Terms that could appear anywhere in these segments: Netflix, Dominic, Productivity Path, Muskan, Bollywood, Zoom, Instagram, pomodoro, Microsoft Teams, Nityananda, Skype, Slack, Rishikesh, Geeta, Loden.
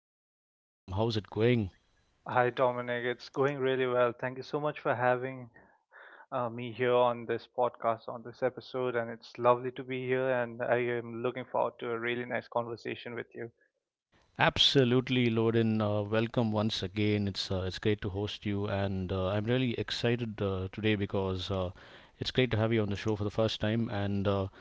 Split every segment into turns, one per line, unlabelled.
Hey, Loden, welcome. How's it going?
Hi, Dominic. It's going really well. Thank you so much for having me here on this podcast, on this episode. And it's lovely to be here. And I am looking forward to a really nice conversation with you.
Absolutely, Loden. Welcome once again. It's great to host you, and I'm really excited today because it's great to have you on the show for the first time. And uh,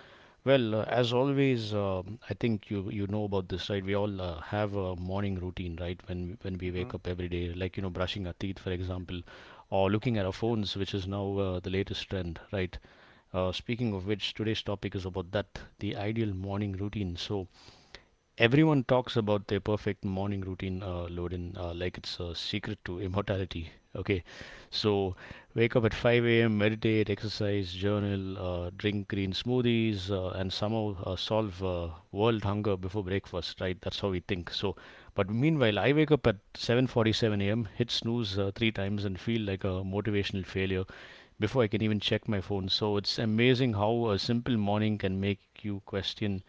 Well, uh, As always, I think you know about this, right? We all have a morning routine, right? When we
hmm
wake up every day, like, you know, brushing our teeth, for example, or looking at our phones, which is now the latest trend, right? Speaking of which, today's topic is about that, the ideal morning routine. So, everyone talks about their perfect morning routine, Loden, like it's a secret to immortality. Okay, so wake up at 5 a.m., meditate, exercise, journal, drink green smoothies, and somehow solve world hunger before breakfast, right? That's how we think. So, but meanwhile, I wake up at 7:47 a.m., hit snooze three times, and feel like a motivational failure before I can even check my phone. So it's amazing how a simple morning can make you question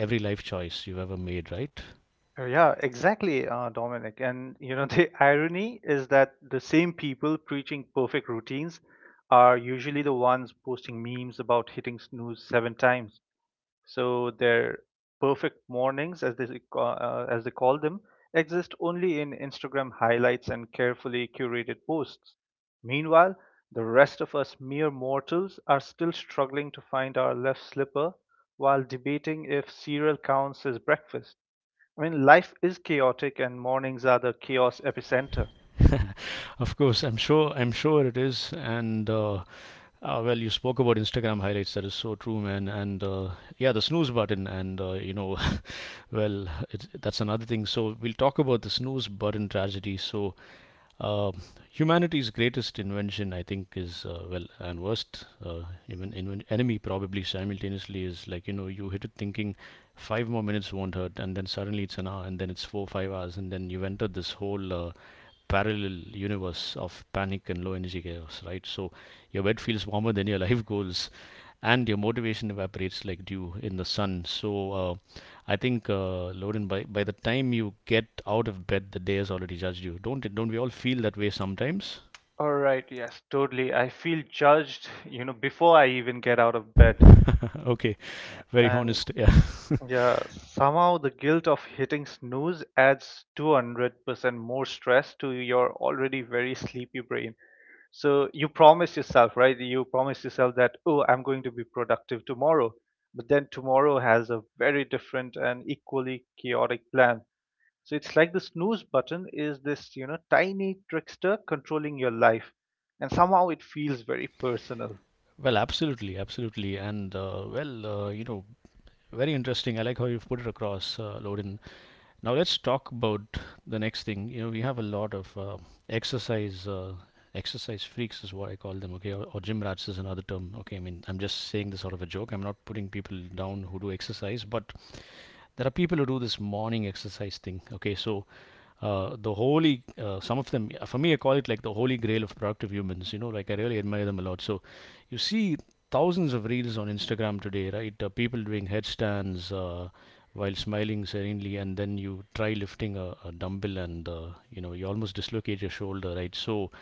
every life choice you've ever made, right?
Yeah, exactly, Dominic. And, you know, the irony is that the same people preaching perfect routines are usually the ones posting memes about hitting snooze seven times. So their perfect mornings, as they call them, exist only in Instagram highlights and carefully curated posts. Meanwhile, the rest of us mere mortals are still struggling to find our left slipper while debating if cereal counts as breakfast. I mean, life is chaotic and mornings are the chaos epicenter.
Of course, I'm sure. I'm sure it is. You spoke about Instagram highlights. That is so true, man. And Yeah, the snooze button. And You know, that's another thing. So we'll talk about the snooze button tragedy. Uh, Humanity's greatest invention, I think, is well, and worst, enemy probably simultaneously. Is like, you know, you hit it thinking five more minutes won't hurt, and then suddenly it's an hour, and then it's 4 5 hours, and then you've entered this whole parallel universe of panic and low energy chaos, right? So your bed feels warmer than your life goals, and your motivation evaporates like dew in the sun. So I think, Loren, by the time you get out of bed, the day has already judged you. Don't it- don't we all feel that way sometimes?
All right, yes, totally. I feel judged, you know, before I even get out of bed.
Okay, very
And
honest. Yeah.
Yeah, somehow the guilt of hitting snooze adds 200% more stress to your already very sleepy brain. So you promise yourself, right? You promise yourself that, oh, I'm going to be productive tomorrow. But then tomorrow has a very different and equally chaotic plan. So it's like the snooze button is this, you know, tiny trickster controlling your life. And somehow it feels very personal.
Well, absolutely, absolutely, you know, very interesting. I like how you've put it across, Lorin. Now let's talk about the next thing. You know, we have a lot of exercise uh, exercise freaks is what I call them, okay, or gym rats is another term, okay. I mean, I'm just saying this out of a joke. I'm not putting people down who do exercise, but there are people who do this morning exercise thing, okay. So some of them, for me, I call it like the holy grail of productive humans. You know, like, I really admire them a lot. So you see thousands of reels on Instagram today, right? People doing headstands. While smiling serenely. And then you try lifting a dumbbell, and you know, you almost dislocate your shoulder, right? So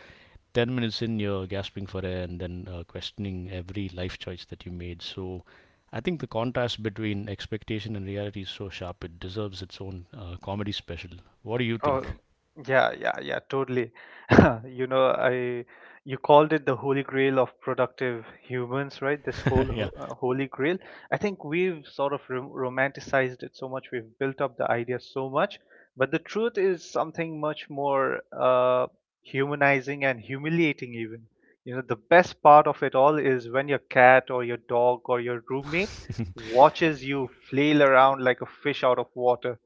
10 minutes in, you're gasping for air, and then questioning every life choice that you made. So I think the contrast between expectation and reality is so sharp, it deserves its own comedy special. What do you
Oh,
think?
yeah, yeah, yeah, totally. You know, I you called it the holy grail of productive humans, right? This
Yeah.
holy grail. I think we've sort of romanticized it so much. We've built up the idea so much, but the truth is something much more humanizing and humiliating even. You know, the best part of it all is when your cat or your dog or your roommate watches you flail around like a fish out of water,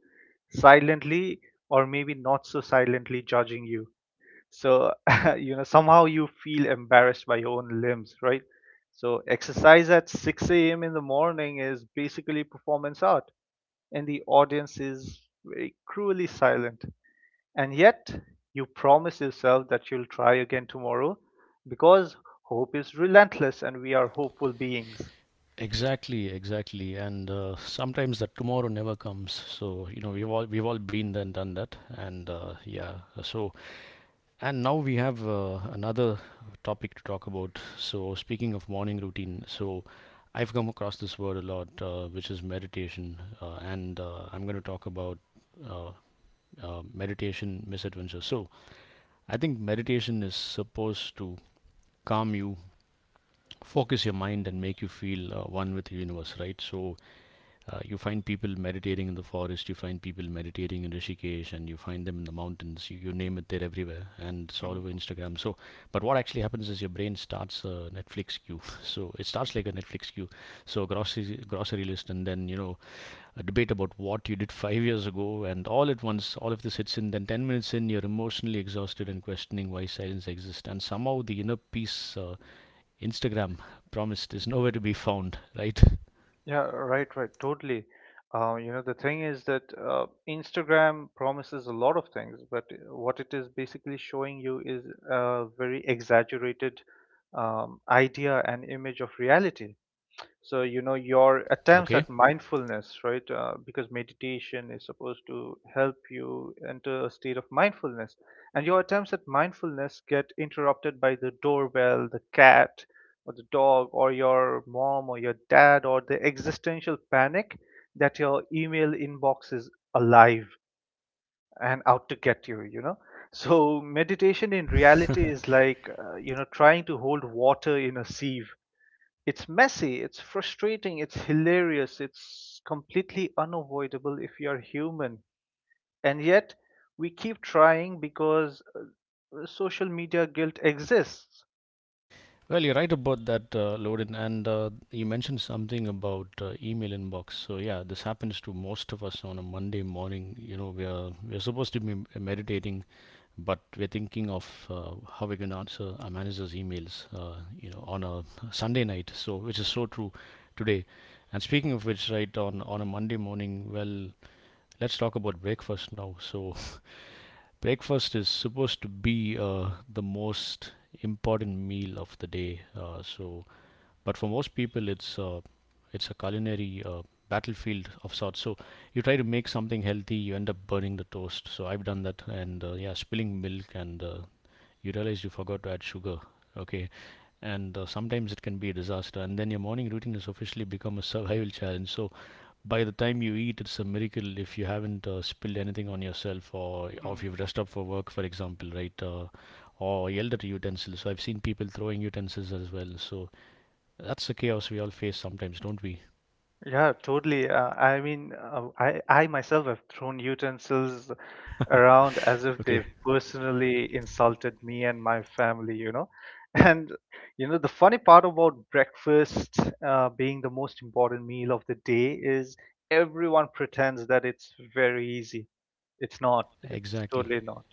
silently or maybe not so silently judging you. So, you know, somehow you feel embarrassed by your own limbs, right? So exercise at 6 a.m. in the morning is basically performance art, and the audience is very cruelly silent. And yet, you promise yourself that you'll try again tomorrow because hope is relentless and we are hopeful beings.
Exactly, exactly, and sometimes that tomorrow never comes. So, you know, we've all been there and done that, and yeah. So And Now we have another topic to talk about. So, speaking of morning routine, so I've come across this word a lot, which is meditation, and I'm going to talk about uh, meditation misadventure. So, I think meditation is supposed to calm you, focus your mind, and make you feel one with the universe, right? So, you find people meditating in the forest, you find people meditating in Rishikesh, and you find them in the mountains. You name it, they're everywhere, and it's all over
Mm-hmm.
Instagram. So, but what actually happens is your brain starts a Netflix queue. So it starts like a Netflix queue. So grocery list, and then, you know, a debate about what you did 5 years ago, and all at once, all of this hits in. Then 10 minutes in, you're emotionally exhausted and questioning why silence exists, and somehow the inner peace Instagram promised is nowhere to be found. Right?
Yeah, right, right, totally. You know, the thing is that Instagram promises a lot of things, but what it is basically showing you is a very exaggerated idea and image of reality. So you know your attempts
Okay.
at mindfulness, right? Because meditation is supposed to help you enter a state of mindfulness, and your attempts at mindfulness get interrupted by the doorbell, the cat or the dog or your mom or your dad, or the existential panic that your email inbox is alive and out to get you, you know. So meditation in reality is like, you know, trying to hold water in a sieve. It's messy, it's frustrating, it's hilarious, it's completely unavoidable if you're human. And yet, we keep trying because social media guilt exists.
Well, you're right about that, Loden, and you mentioned something about email inbox. So yeah, this happens to most of us on a Monday morning. You know, we're supposed to be meditating, but we're thinking of how we can answer our manager's emails. You know, on a Sunday night. So, which is so true today. And speaking of which, right, on a Monday morning, well, let's talk about breakfast now. So breakfast is supposed to be the most important meal of the day. So but For most people, it's a culinary battlefield of sorts. So you try to make something healthy, you end up burning the toast. So I've done that, and yeah, spilling milk, and you realize you forgot to add sugar. Okay, and sometimes it can be a disaster, and then your morning routine has officially become a survival challenge. So by the time you eat, it's a miracle if you haven't spilled anything on yourself, or if you've dressed up for work, for example, right? Or yelled at utensils. So I've seen people throwing utensils as well. So that's the chaos we all face sometimes, don't we?
Yeah, totally. I mean, I myself have thrown utensils around as if they've
Okay.
personally insulted me and my family, you know. And you know, the funny part about breakfast being the most important meal of the day is everyone pretends that it's very easy. It's not. It's
Exactly.
totally not.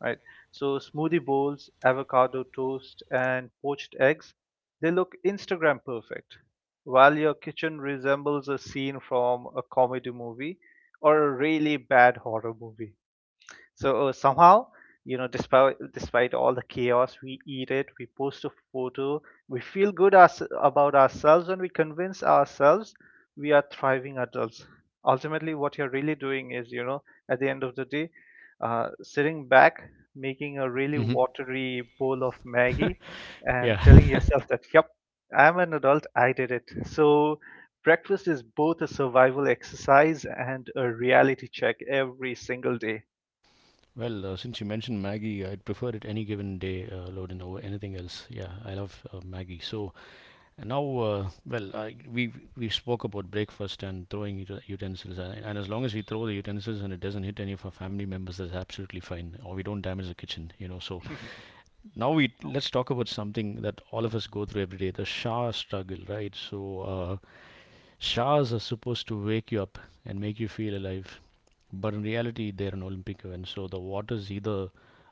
Right. So smoothie bowls, avocado toast, and poached eggs, they look Instagram perfect, while your kitchen resembles a scene from a comedy movie or a really bad horror movie. So somehow, you know, despite all the chaos, we eat it, we post a photo, we feel good ours about ourselves, and we convince ourselves we are thriving adults. Ultimately, what you're really doing is, you know, at the end of the day, sitting back, making a really
Hmm.
watery bowl of Maggie,
Yeah.
and telling yourself that, "Yep, I'm an adult. I did it." So. Breakfast is both a survival exercise and a reality check every single day.
Well, since you mentioned Maggie, I'd prefer it any given day, Loden, over anything else. Yeah, I love Maggie. So, and now, we spoke about breakfast and throwing utensils, and as long as we throw the utensils and it doesn't hit any of our family members, that's absolutely fine, or we don't damage the kitchen, you know. So now we let's talk about something that all of us go through every day: the shower struggle, right? So showers are supposed to wake you up and make you feel alive, but in reality, they're an Olympic event. So the water's either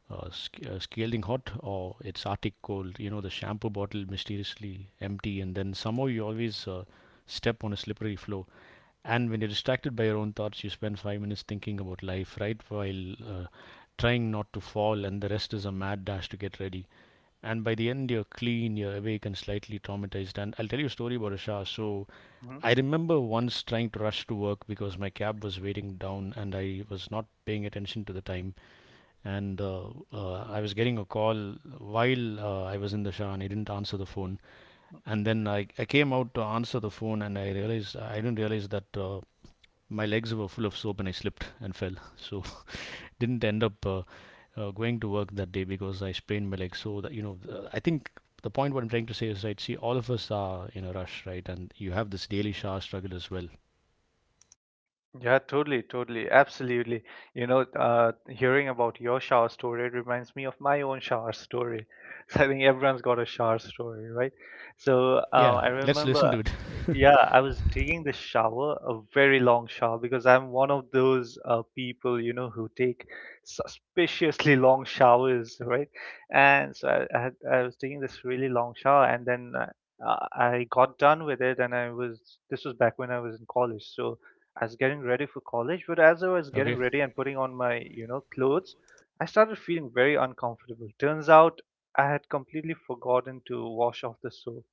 scalding hot or it's Arctic cold. You know, the shampoo bottle mysteriously empty, and then somehow you always step on a slippery floor. And when you're distracted by your own thoughts, you spend 5 minutes thinking about life, right? While trying not to fall, and the rest is a mad dash to get ready. And by the end, you're clean, you're awake, and slightly traumatized. And I'll tell you a story about Asha. So,
Mhm.
I remember once trying to rush to work because my cab was waiting down, and I was not paying attention to the time, and I was getting a call while I was in the shower, and I didn't answer the phone. And then I came out to answer the phone, and I didn't realize that my legs were full of soap, and I slipped and fell. So didn't end up going to work that day because I sprained my leg. So that, you know, I think the point what I'm trying to say is, right, see, all of us are in a rush, right? And you have this daily shower struggle as well.
Yeah, totally, totally, absolutely. You know, hearing about your shower story, it reminds me of my own shower story. So I think everyone's got a shower story, right? So
Yeah, let's listen to it.
yeah, I was taking the shower, a very long shower, because I'm one of those people, you know, who take suspiciously long showers, right? And so I was taking this really long shower, and then I got done with it, and I was, this was back when I was in college, so. I was getting ready for college, but as I was getting
Okay.
ready and putting on my, you know, clothes, I started feeling very uncomfortable. Turns out I had completely forgotten to wash off the soap,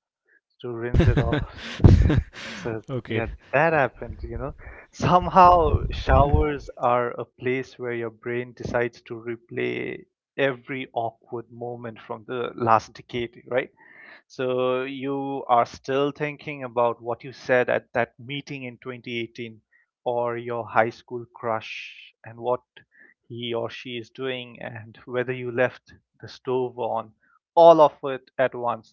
to rinse it off. So,
Okay.
yeah, that happened, you know. Somehow, showers are a place where your brain decides to replay every awkward moment from the last decade, right? So you are still thinking about what you said at that meeting in 2018, or your high school crush and what he or she is doing, and whether you left the stove on, all of it at once.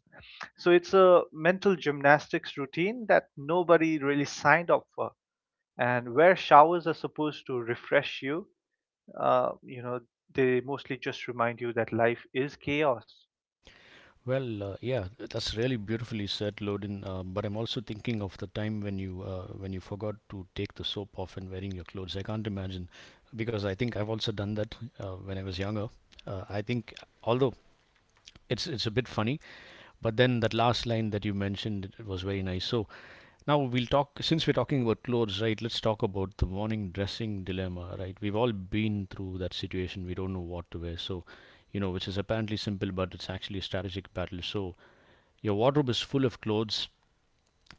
So it's a mental gymnastics routine that nobody really signed up for. And where showers are supposed to refresh you, you know, they mostly just remind you that life is chaos.
Well, yeah, that's really beautifully said, Lodin. But I'm also thinking of the time when you forgot to take the soap off and wearing your clothes. I can't imagine, because I think I've also done that when I was younger. I think, although it's a bit funny, but then that last line that you mentioned it, was very nice. So now we'll talk, since we're talking about clothes, right? Let's talk about the morning dressing dilemma, right? We've all been through that situation. We don't know what to wear, so, you know, which is apparently simple, but it's actually a strategic battle. So your wardrobe is full of clothes,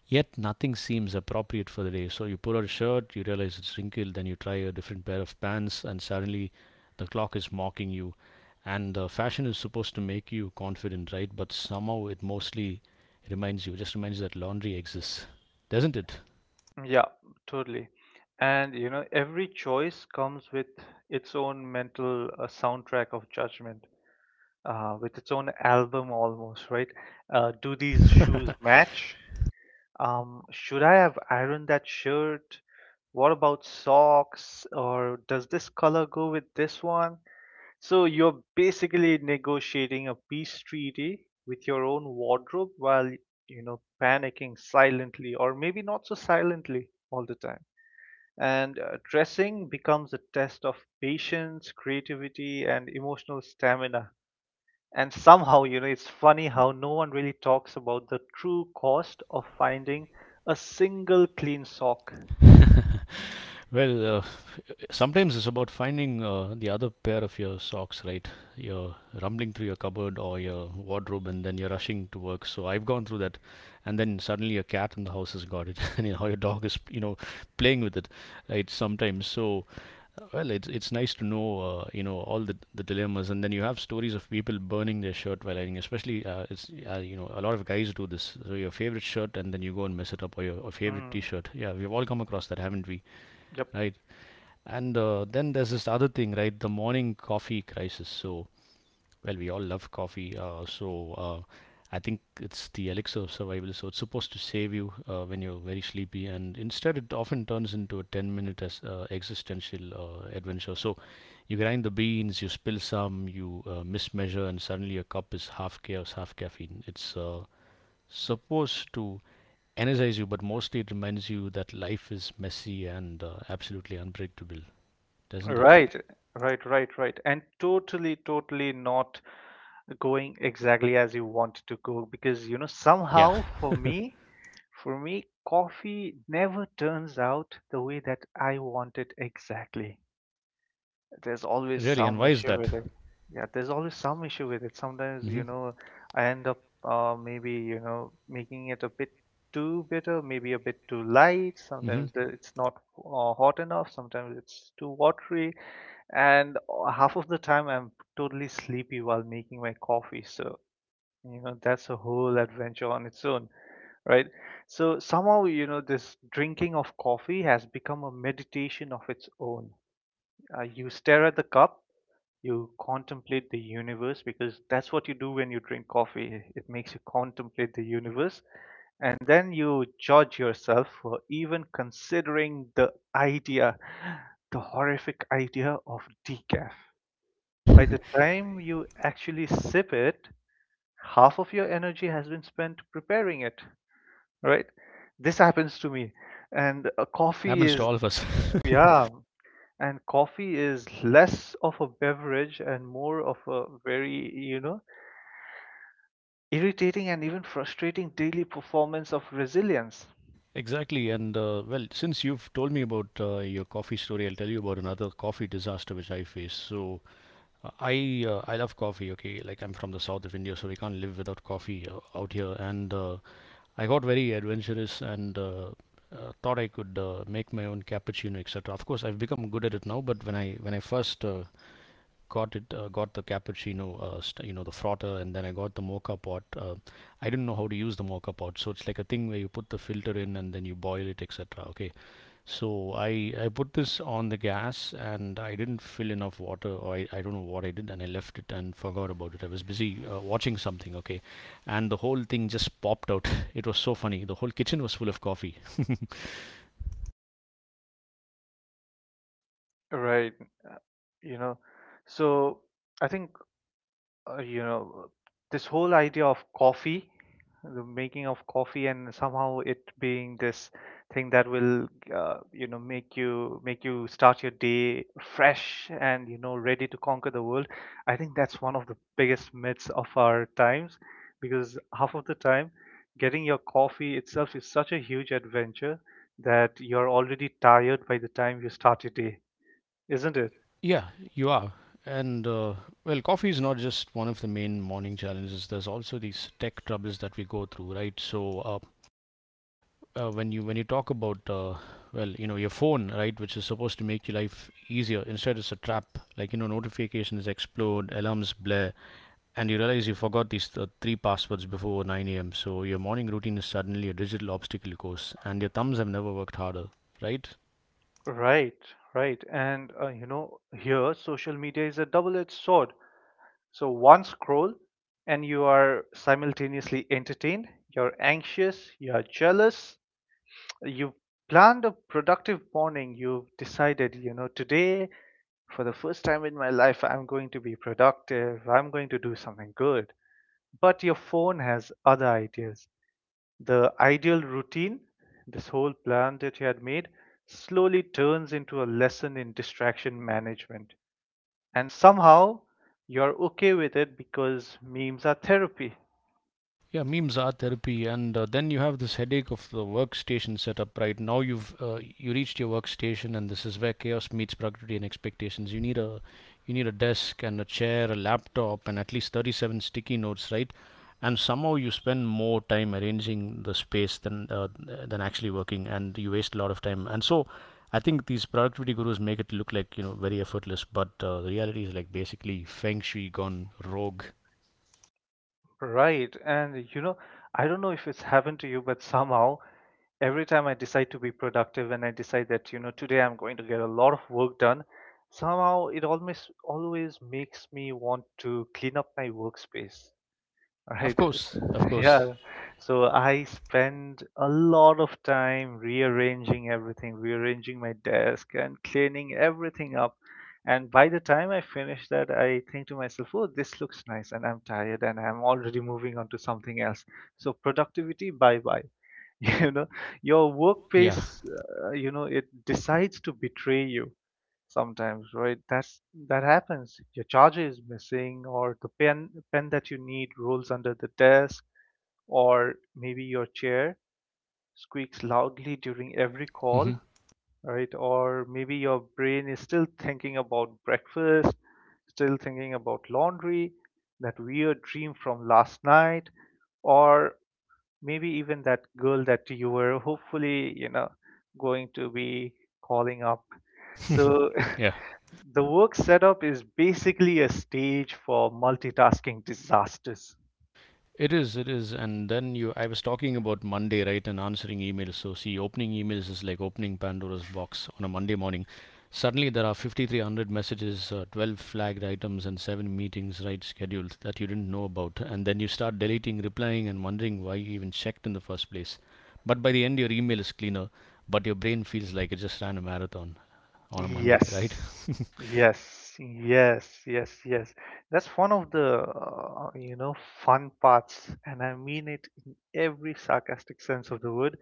yet nothing seems appropriate for the day. So you pull out a shirt, you realize it's wrinkled, then you try a different pair of pants, and suddenly the clock is mocking you. And fashion is supposed to make you confident, right? But somehow it mostly reminds you that laundry exists, doesn't it?
Yeah, totally. And you know, every choice comes with its own mental soundtrack of judgment, with its own album almost, right? Do these shoes match? Should I have ironed that shirt? What about socks? Or does this color go with this one? So you're basically negotiating a peace treaty with your own wardrobe while, you know, panicking silently, or maybe not so silently all the time. And dressing becomes a test of patience, creativity, and emotional stamina. And somehow, you know, it's funny how no one really talks about the true cost of finding a single clean sock.
Well, sometimes it's about finding the other pair of your socks, right? You're rumbling through your cupboard or your wardrobe, and then you're rushing to work, so I've gone through that. And then suddenly your cat in the house has got it, and your dog is, playing with it, right? Sometimes. So well, it's nice to know, all the dilemmas. And then you have stories of people burning their shirt while ironing, especially, it's a lot of guys do this. So your favorite shirt, and then you go and mess it up, or or favorite
Mm,
t-shirt. Yeah, we've all come across that, haven't we?
yep.
Right. And then there's this other thing, right? The morning coffee crisis. So, well, we all love coffee. I think it's the elixir of survival. So it's supposed to save you when you're very sleepy. And instead, it often turns into a 10-minute minute existential adventure. So you grind the beans, you spill some, you mismeasure, and suddenly your cup is half chaos, half caffeine. It's supposed to energize you, but mostly it reminds you that life is messy and absolutely unpredictable, doesn't it?
Right, right, right, right. And totally, totally not going exactly as you want to go because, you know,
Yeah,
somehow for me, coffee never turns out the way that I want it exactly. There's always
really. And
some
why is
issue
that?
with it. Yeah, there's always some issue with it. Sometimes,
Hmm.
you know, I end up maybe, you know, making it a bit too bitter, maybe a bit too light.
Hmm.
Sometimes it's not hot enough. Sometimes it's too watery. And half of the time, I'm totally sleepy while making my coffee. So, you know, that's a whole adventure on its own, right? So somehow, you know, this drinking of coffee has become a meditation of its own. You stare at the cup, you contemplate the universe, because that's what you do when you drink coffee. It makes you contemplate the universe. And then you judge yourself for even considering the idea, the horrific idea of decaf. By the time you actually sip it, half of your energy has been spent preparing it, right? This happens to me. And
Happens to all of us.
yeah, and coffee is less of a beverage and more of a very, you know, irritating and even frustrating daily performance of resilience,
Exactly. And well, since you've told me about your coffee story, I'll tell you about another coffee disaster which I faced. So, I love coffee. Okay, like, I'm from the south of India, so we can't live without coffee out here. And I got very adventurous and, thought I could make my own cappuccino, etc. Of course, I've become good at it now. But when I first got it, got the cappuccino, you know, the frotter, and then I got the mocha pot. I didn't know how to use the mocha pot, so it's like a thing where you put the filter in and then you boil it, etc. Okay, so I put this on the gas, and I didn't fill enough water, or I don't know what I did, and I left it and forgot about it. I was busy watching something, okay. And the whole thing just popped out. It was so funny. The whole kitchen was full of coffee.
right? You know, so I think you know, this whole idea of coffee, the making of coffee, and somehow it being this thing that will, you know, make you start your day fresh and, you know, ready to conquer the world, I think that's one of the biggest myths of our times, because half of the time getting your coffee itself is such a huge adventure that you're already tired by the time you start your day, isn't it?
Yeah, you are. And well, coffee is not just one of the main morning challenges. There's also these tech troubles that we go through, right? So when you talk about, well, your phone, right, which is supposed to make your life easier? Instead, it's a trap. Like, notifications explode, alarms blare, and you realize you forgot these three passwords before 9 a.m. So your morning routine is suddenly a digital obstacle course, and your thumbs have never worked harder, right?
Right, right. And you know, here social media is a double-edged sword. So one scroll, and you are simultaneously entertained, you're anxious, you're jealous, you've planned a productive morning, you've decided, you know, today, for the first time in my life, I'm going to be productive, I'm going to do something good. But your phone has other ideas. The ideal routine, this whole plan that you had made, slowly turns into a lesson in distraction management. And somehow you're okay with it because memes are therapy.
Yeah, memes are therapy. And then you have this headache of the workstation setup. Right now, you've you reached your workstation, and this is where chaos meets productivity and expectations. You need a desk and a chair, a laptop, and at least 37 sticky notes, right? And somehow you spend more time arranging the space than actually working, and you waste a lot of time. And so, I think these productivity gurus make it look like, very effortless, but the reality is, like, basically feng shui gone rogue.
Right. And you know, I don't know if it's happened to you, but somehow every time I decide to be productive and I decide that, you know, today I'm going to get a lot of work done, somehow it almost always makes me want to clean up my workspace. Right.
Of course,
Yeah. So I spend a lot of time rearranging everything, rearranging my desk and cleaning everything up. And by the time I finish that, I think to myself, oh, this looks nice, and I'm tired and I'm already moving on to something else. So productivity, bye bye. You know, your
yeah.
workplace, you know, it decides to betray you sometimes, right? That happens. Your charger is missing, or the pen that you need rolls under the desk, or maybe your chair squeaks loudly during every
Mhm.
call, right? Or maybe your brain is still thinking about breakfast, still thinking about laundry, that weird dream from last night, or maybe even that girl that you were hopefully, going to be calling up. So
Yeah,
the work setup is basically a stage for multitasking disasters.
it is. It is. And then you, I was talking about Monday, right, and answering emails. So, see, opening emails is like opening Pandora's box on a Monday morning. Suddenly, there are 5,300 messages, 12 flagged items, and 7 meetings, right, scheduled that you didn't know about. And then you start deleting, replying, and wondering why you even checked in the first place. But by the end, your email is cleaner, but your brain feels like it just ran a marathon on a Monday, right?
Yes, yes, yes, yes, yes. That's one of the fun parts, and I mean it in every sarcastic sense of the word.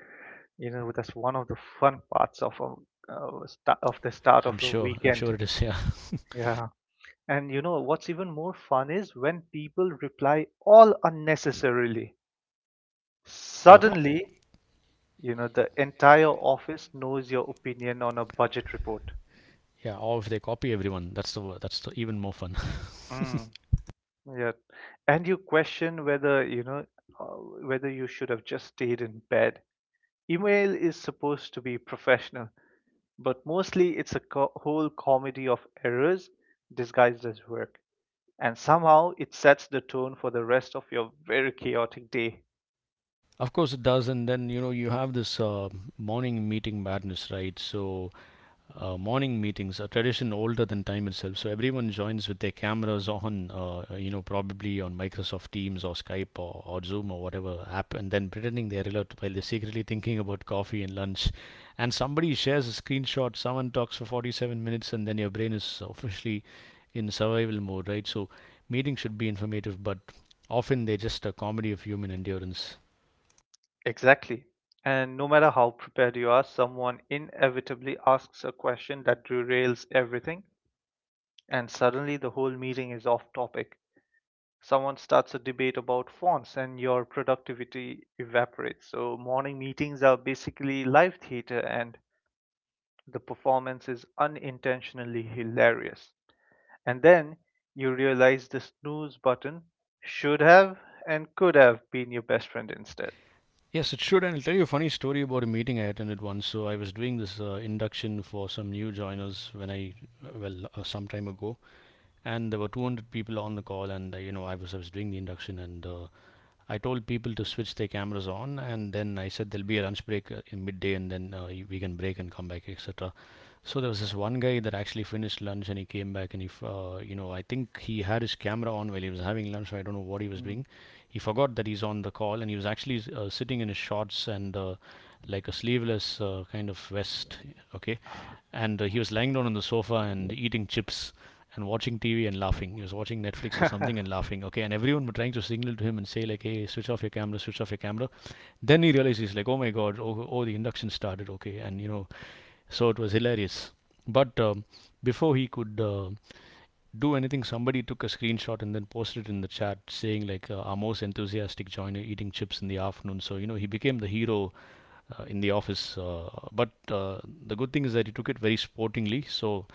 You know, that's one of the fun parts of a, sta of the start of
I'm
the
sure. I'm sure
weekend.
it is. Yeah.
Yeah, and you know what's even more fun is when people reply all unnecessarily.
Yeah.
Suddenly, you know, the entire office knows your opinion on a budget report.
Yeah, or if they copy everyone, that's the that's the even more fun.
Mm, yeah. And you question whether you should have just stayed in bed. Email is supposed to be professional, but mostly it's a whole comedy of errors disguised as work. And somehow it sets the tone for the rest of your very chaotic day.
Of course, it does. And then you have this morning meeting madness, right? So morning meetings, a tradition older than time itself. So everyone joins with their cameras on, probably on Microsoft Teams or Skype, or Zoom, or whatever app, and then pretending they're alert while they're secretly thinking about coffee and lunch. And somebody shares a screenshot, someone talks for 47 minutes, and then your brain is officially in survival mode, right? So meetings should be informative, but often they're just a comedy of human endurance.
Exactly. And no matter how prepared you are, someone inevitably asks a question that derails everything. And suddenly the whole meeting is off topic. Someone starts a debate about fonts and your productivity evaporates. So morning meetings are basically live theater and the performance is unintentionally hilarious. And then you realize the snooze button should have and could have been your best friend instead.
Yes, it should. And I'll tell you a funny story about a meeting I attended once. So I was doing this induction for some new joiners when I, well, some time ago, and there were 200 people on the call, and I was doing the induction, and I told people to switch their cameras on. And then I said there'll be a lunch break in midday, and then we can break and come back, etc. So there was this one guy that actually finished lunch, and he came back, and he, I think he had his camera on while he was having lunch. So I don't know what he was
Mm.
doing. He forgot that he's on the call, and he was actually sitting in his shorts and like a sleeveless kind of vest. Okay, and he was lying down on the sofa and eating chips and watching TV and laughing. He was watching Netflix or something and laughing. Okay, and everyone were trying to signal to him and say, like, "Hey, switch off your camera, switch off your camera." Then he realized, he's like, "Oh my God! Oh, the induction started." Okay, and, so it was hilarious. But before he could do anything, somebody took a screenshot and then posted it in the chat saying, like, our most enthusiastic joiner eating chips in the afternoon. So, he became the hero in the office. But the good thing is that he took it very sportingly. So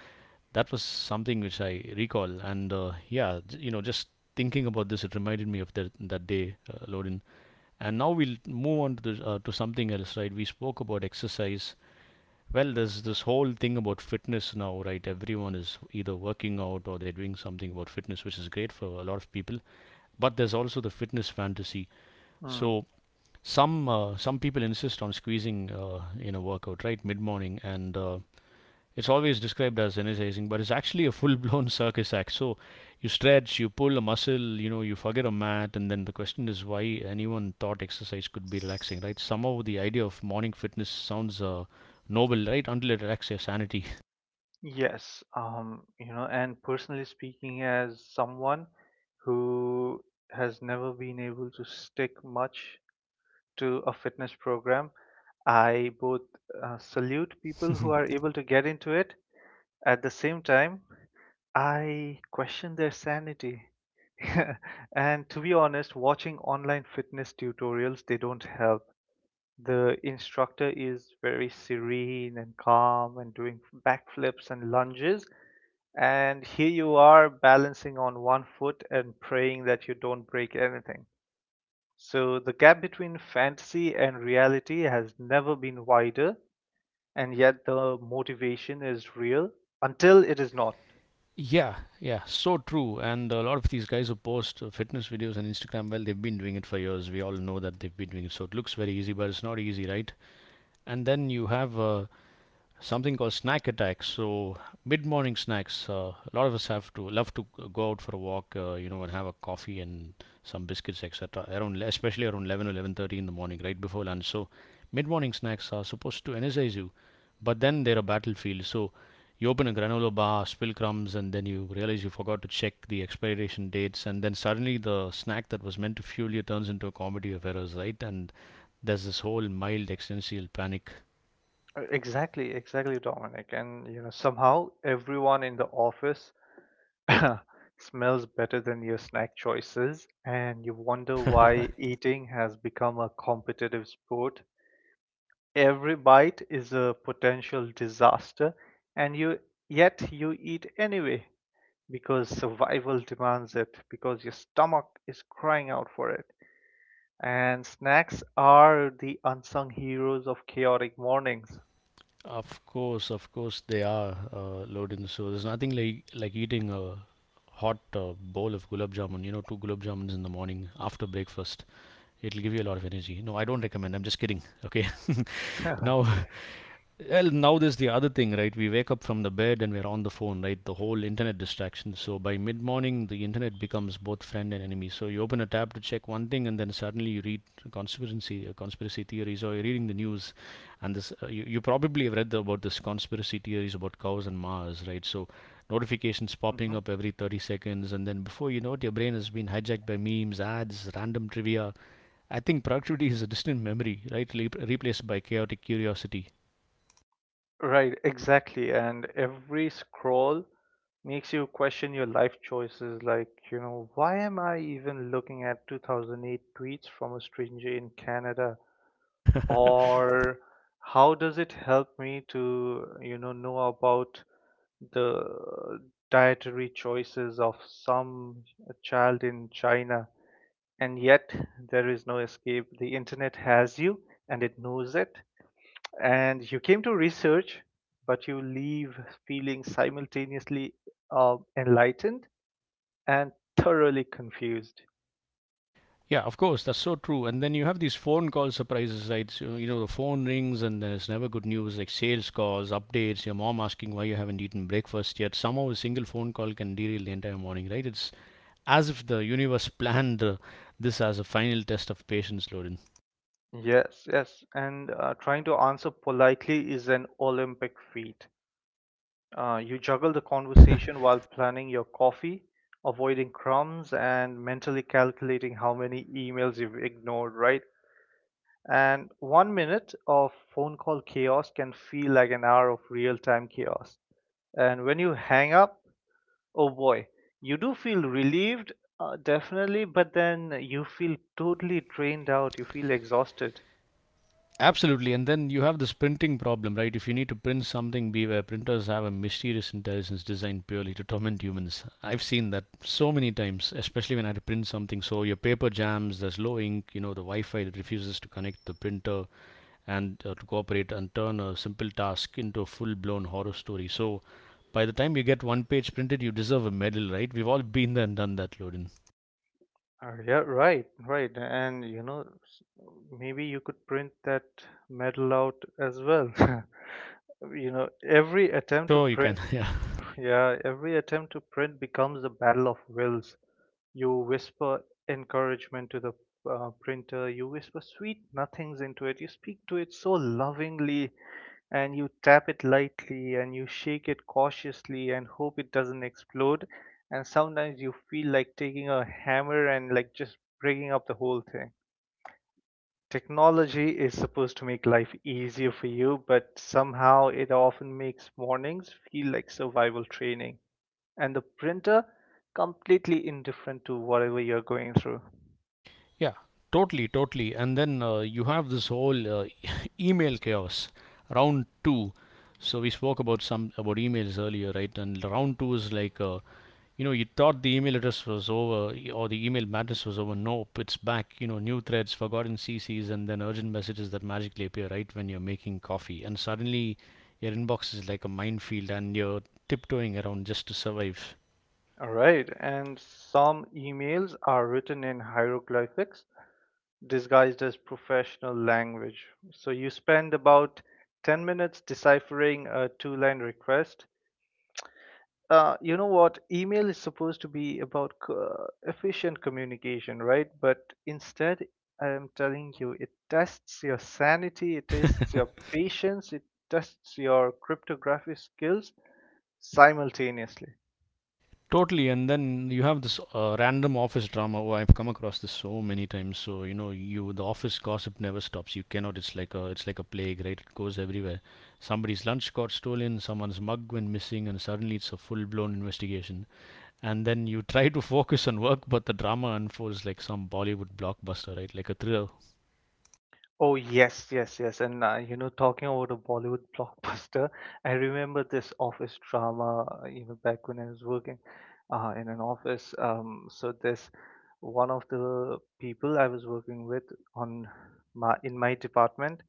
that was something which I recall. And yeah, just thinking about this, it reminded me of that day, Lorin. And now we'll move on to, to something else, right? We spoke about exercise. Well, there's this whole thing about fitness now, right? Everyone is either working out or they're doing something about fitness, which is great for a lot of people. But there's also the fitness fantasy.
Mm.
So some people insist on squeezing, in a workout right mid morning, and it's always described as energizing, but it's actually a full blown circus act. So you stretch, you pull a muscle, you forget a mat, and then the question is, why anyone thought exercise could be relaxing, right? Somehow the idea of morning fitness sounds noble, right? Until it wrecks your sanity.
Yes, you know, and personally speaking, as someone who has never been able to stick much to a fitness program, I both salute people who are able to get into it. At the same time, I question their sanity. And to be honest, watching online fitness tutorials, they don't help. The instructor is very serene and calm and doing backflips and lunges, and here you are balancing on one foot and praying that you don't break anything. So the gap between fantasy and reality has never been wider, and yet the motivation is real until it is not.
Yeah, yeah, so true. And a lot of these guys who post fitness videos on Instagram, well, they've been doing it for years. We all know that they've been doing it. So it looks very easy, but it's not easy, right? And then you have something called snack attacks. So mid-morning snacks. A lot of us have to love to go out for a walk, and have a coffee and some biscuits, etc. Around, especially around 11 or 11:30 in the morning, right before lunch. So mid-morning snacks are supposed to energize you, but then they're a battlefield. So you open a granola bar, spill crumbs, and then you realize you forgot to check the expiration dates, and then suddenly the snack that was meant to fuel you turns into a comedy of errors, right? And there's this whole mild existential panic.
Exactly, exactly, Dominic. And you know, somehow everyone in the office smells better than your snack choices, and you wonder why eating has become a competitive sport. Every bite is a potential disaster, and you yet you eat anyway because survival demands it, because your stomach is crying out for it. And snacks are the unsung heroes of chaotic mornings.
Of course, they are loaded. So there's nothing like eating a hot bowl of gulab jamun. You know, 2 gulab jamuns in the morning after breakfast. It'll give you a lot of energy. No, I don't recommend. I'm just kidding. Okay. Now, well, now there's the other thing, right? We wake up from the bed, and we're on the phone, right? The whole internet distraction. So by mid morning, the internet becomes both friend and enemy. So you open a tab to check one thing, and then suddenly you read conspiracy theories, or you're reading the news, and this you, you probably have read about this conspiracy theories about cows and Mars, right? So notifications popping
Mhm.
up every 30 seconds, and then before you know it, your brain has been hijacked by memes, ads, random trivia. I think productivity is a distant memory, right? Replaced by chaotic curiosity.
Right, exactly. And every scroll makes you question your life choices like, you know, why am I even looking at 2008 tweets from a stranger in Canada? Or how does it help me to, you know about the dietary choices of some child in China? And yet there is no escape. The internet has you, and it knows it. And you came to research, but you leave feeling simultaneously enlightened and thoroughly confused.
Yeah, of course, that's so true. And then you have these phone call surprises, right? So, you know, the phone rings and there's never good news, like sales calls, updates, your mom asking why you haven't eaten breakfast yet. Somehow a single phone call can derail the entire morning, right? It's as if the universe planned this as a final test of patience, Loden.
Yes, yes, and trying to answer politely is an Olympic feat. You juggle the conversation while planning your coffee, avoiding crumbs, and mentally calculating how many emails you've ignored, right? And 1 minute of phone call chaos can feel like an hour of real time chaos. And when you hang up, oh boy, you do feel relieved, definitely, but then you feel totally drained out, you feel exhausted.
Absolutely. And then you have this printing problem, right? If you need to print something, beware. Printers have a mysterious intelligence designed purely to torment humans. I've seen that so many times, especially when I had to print something. So your paper jams, there's low ink, you know, the Wi Fi that refuses to connect the printer and to cooperate and turn a simple task into a full blown horror story. So by the time you get one page printed, you deserve a medal, right? We've all been there and done that, Loden.
Yeah, right, right. And you know, maybe you could print that medal out as well. You know, every attempt to
Sure, you can.
print,
Yeah.
yeah, every attempt to print becomes a battle of wills. You whisper encouragement to the printer, you whisper sweet nothings into it, you speak to it so lovingly, and you tap it lightly and you shake it cautiously and hope it doesn't explode. And sometimes you feel like taking a hammer and like just breaking up the whole thing. Technology is supposed to make life easier for you, but somehow it often makes mornings feel like survival training. And the printer, completely indifferent to whatever you're going through.
Yeah, totally, totally. And then you have this whole email chaos. Round two. So we spoke about some about emails earlier, right? And round two is like, you know, you thought the email address was over y- or the email madness was over. Nope, it's back. You know, new threads, forgotten CCs, and then urgent messages that magically appear right when you're making coffee. And suddenly, your inbox is like a minefield, and you're tiptoeing around just to survive.
All right, and some emails are written in hieroglyphics disguised as professional language. So you spend about 10 minutes deciphering a two line request. You know what? Email is supposed to be about efficient communication, right? But instead, I am telling you, it tests your sanity, it tests your patience, it tests your cryptography skills simultaneously.
Totally, and then you have this random office drama. Oh, I've come across this so many times. So you know, you the office gossip never stops. You cannot. It's like a plague, right? It goes everywhere. Somebody's lunch got stolen, someone's mug went missing, and suddenly it's a full blown investigation. And then you try to focus on work, but the drama unfolds like some Bollywood blockbuster, right? Like a thriller.
Oh yes, yes, yes. And you know, talking about a Bollywood blockbuster, I remember this office drama. You know, back when I was working in an office. So this one of the people I was working with on my in my department.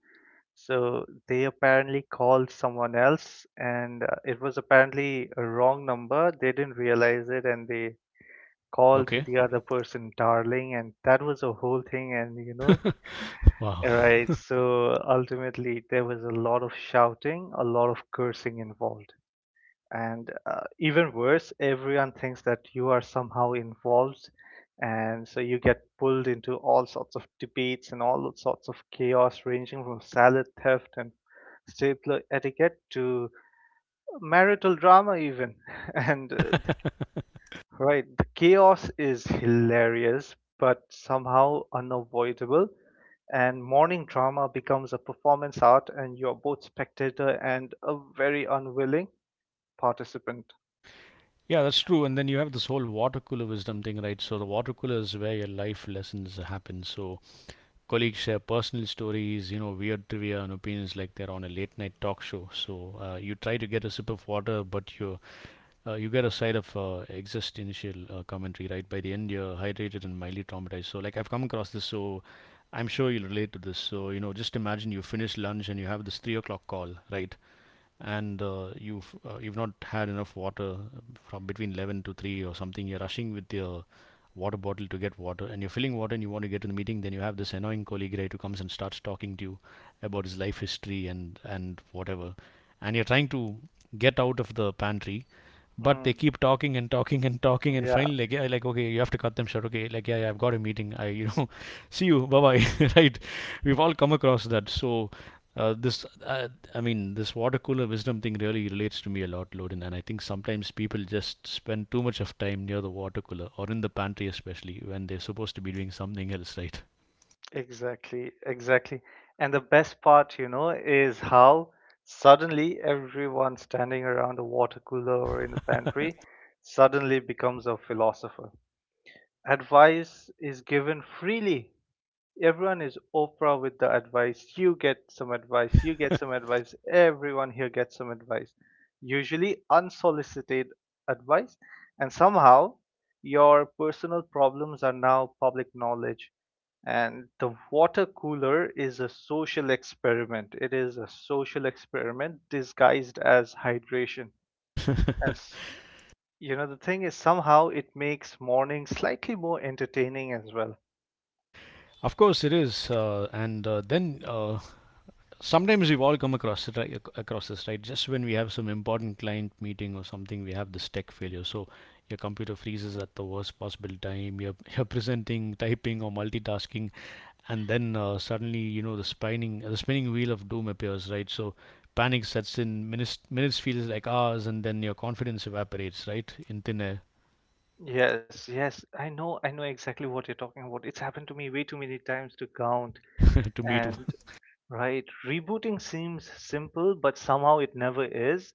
So they apparently called someone else, and it was apparently a wrong number. They didn't realize it, and they called
Okay.
the other person darling, and that was a whole thing. And you know,
Wow.
right, so ultimately there was a lot of shouting, a lot of cursing involved. And even worse, everyone thinks that you are somehow involved, and so you get pulled into all sorts of debates and all sorts of chaos, ranging from salad theft and stapler etiquette to marital drama, even. And Right, the chaos is hilarious, but somehow unavoidable. And morning drama becomes a performance art, and you're both spectator and a very unwilling participant.
Yeah, that's true. And then you have this whole water cooler wisdom thing, right? So the water cooler is where your life lessons happen. So colleagues share personal stories, you know, weird trivia and opinions like they're on a late night talk show. So you try to get a sip of water, but you get a side of existential commentary. Right by the end, you're hydrated and mildly traumatized. So like I've come across this, so I'm sure you'll relate to this. So you know, just imagine you finish lunch and you have this 3 o'clock call, right? And you've not had enough water from between 11 to 3 or something. You're rushing with your water bottle to get water, and you're filling water, and you want to get to the meeting. Then you have this annoying colleague, right, who comes and starts talking to you about his life history and whatever, and you're trying to get out of the pantry, but they
Mm,
keep talking and talking and talking, and
yeah.
finally like, yeah, like, okay, you have to cut them short. Okay, like, yeah, yeah, I've got a meeting, I you know, see you, bye bye. Right, we've all come across that. So uh, this, uh, I mean, this water cooler wisdom thing really relates to me a lot, Loden. And I think sometimes people just spend too much of time near the water cooler or in the pantry, especially when they're supposed to be doing something else, right?
Exactly, exactly. And the best part, you know, is how suddenly everyone standing around the water cooler or in the pantry suddenly becomes a philosopher. Advice is given freely. Everyone is Oprah with the advice. You get some advice, you get some advice, everyone here gets some advice. Usually unsolicited advice, and somehow your personal problems are now public knowledge, and the water cooler is a social experiment. It is a social experiment disguised as hydration. And s- you know, the thing is, somehow it makes morning slightly more entertaining as well.
Of course, it is. And then Sometimes we've all come across it, right, across this, right? Just when we have some important client meeting or something, we have this tech failure. So your computer freezes at the worst possible time. You're, you're presenting, typing, or multitasking, and then suddenly, you know, the spinning wheel of doom appears, right? So panic sets in. Minutes feels like hours, and then your confidence evaporates right in thin air.
Yes, yes, I know exactly what you're talking about. It's happened to me way too many times to count.
To me too.
And right, rebooting seems simple, but somehow it never is.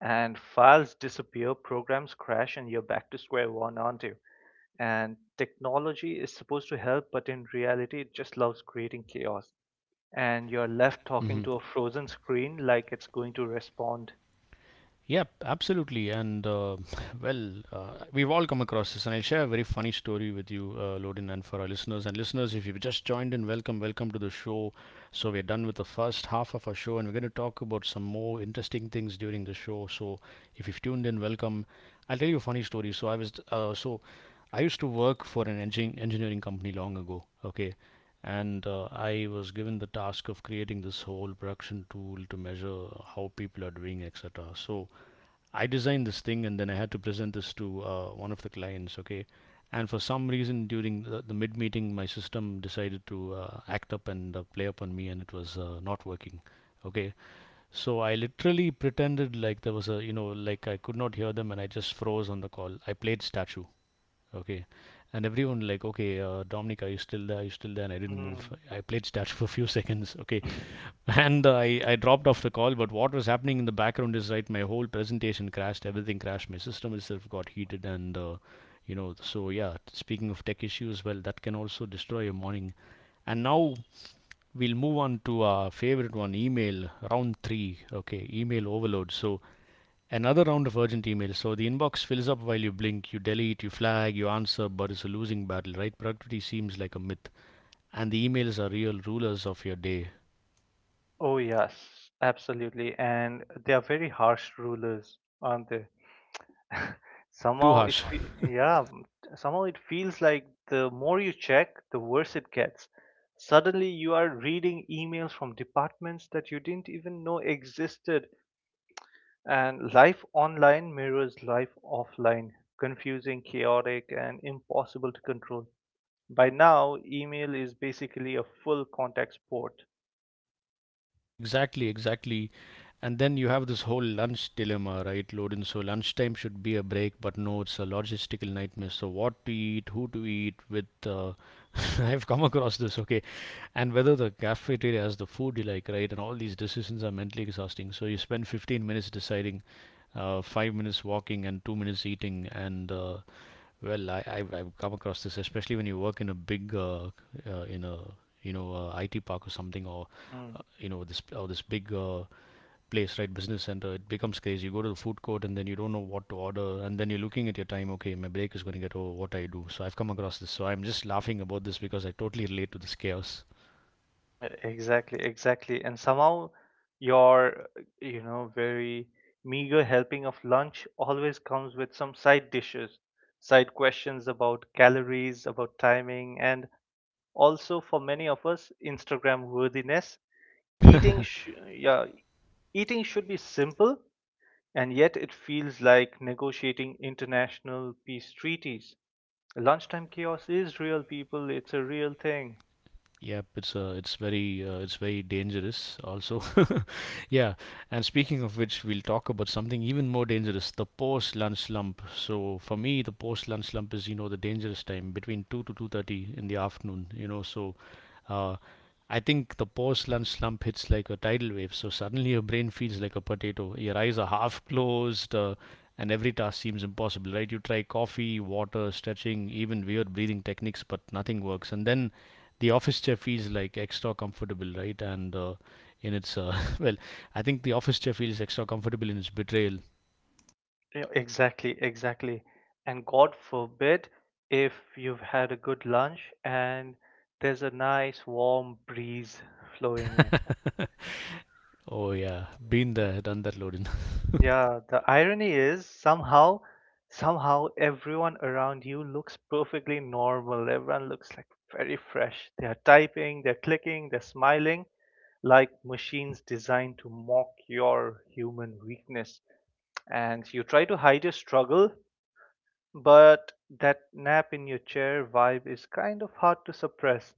And files disappear, programs crash, and you're back to square one, aren't you? And technology is supposed to help, but in reality, it just loves creating chaos. And you're left talking to a frozen screen like it's going to respond.
Yep, absolutely. And well, we've all come across this, and I'll share a very funny story with you, Lodin, and for our listeners. And listeners, if you've just joined in, welcome, welcome to the show. So, we're done with the first half of our show, and we're going to talk about some more interesting things during the show. So, if you've tuned in, welcome. I'll tell you a funny story. So, I was, I used to work for an engineering company long ago. Okay, and I was given the task of creating this whole production tool to measure how people are doing, et cetera. So I designed this thing, and then I had to present this to one of the clients. Okay, and for some reason during the mid meeting, my system decided to act up and play up on me, and it was not working. Okay, so I literally pretended like there was a, you know, like I could not hear them, and I just froze on the call. I played statue. Okay. And everyone like, okay, Dominic, are you still there? Are you still there? And I didn't move.
Mm.
I played statue for a few seconds. Okay. And I dropped off the call. But what was happening in the background is right, my whole presentation crashed. Everything crashed. My system itself got heated. And, you know, so yeah, speaking of tech issues, well, that can also destroy your morning. And now we'll move on to our favorite one, email, round three. Okay. Email overload. So, another round of urgent emails. So the inbox fills up while you blink. You delete, you flag, you answer, but it's a losing battle, right? Productivity seems like a myth, and the emails are real rulers of your day.
Oh, yes, absolutely. And they are very harsh rulers, aren't they?
Too harsh.
Yeah, somehow it feels like the more you check, the worse it gets. Suddenly you are reading emails from departments that you didn't even know existed. And life online mirrors life offline, confusing, chaotic, and impossible to control. By now, email is basically a full contact sport.
Exactly, exactly. And then you have this whole lunch dilemma, right, Loden? So lunchtime should be a break, but no, it's a logistical nightmare. So what to eat, who to eat with, I've come across this, okay, and whether the cafeteria has the food you like, right, and all these decisions are mentally exhausting. So you spend 15 minutes deciding, 5 minutes walking, and 2 minutes eating. And well, I've come across this, especially when you work in a big, in a you know, IT park or something, or
Mm,
you know, this big place, right, business center. It becomes crazy. You go to the food court, and then you don't know what to order, and then you're looking at your time. Okay, my break is going to get over. What I do? So I've come across this. So I'm just laughing about this because I totally relate to this chaos.
exactly, exactly. And somehow your, you know, very meager helping of lunch always comes with some side dishes, side questions about calories, about timing, and also for many of us, Instagram worthiness. Yeah, eating should be simple, and yet it feels like negotiating international peace treaties. Lunchtime chaos is real, people. It's a real thing.
Yep, it's it's very dangerous also. Yeah, and speaking of which, we'll talk about something even more dangerous, the post-lunch slump. So for me, the post-lunch slump is, you know, the dangerous time between 2 to 2:30 in the afternoon, you know. So uh, I think the post-lunch slump hits like a tidal wave. So suddenly your brain feels like a potato. Your eyes are half closed, and every task seems impossible, right? You try coffee, water, stretching, even weird breathing techniques, but nothing works. And then the office chair feels like extra comfortable, right? And in its well, I think the office chair feels extra comfortable in its betrayal.
Yeah, exactly, exactly. And God forbid if you've had a good lunch and there's a nice warm breeze flowing in.
Oh yeah, been
Mm,
there, done that, Lodin.
yeah, the irony is somehow everyone around you looks perfectly normal. Everyone looks like very fresh. They're typing, they're clicking, they're smiling, like machines designed to mock your human weakness. And you try to hide your struggle, but that nap in your chair vibe is kind of hard to suppress.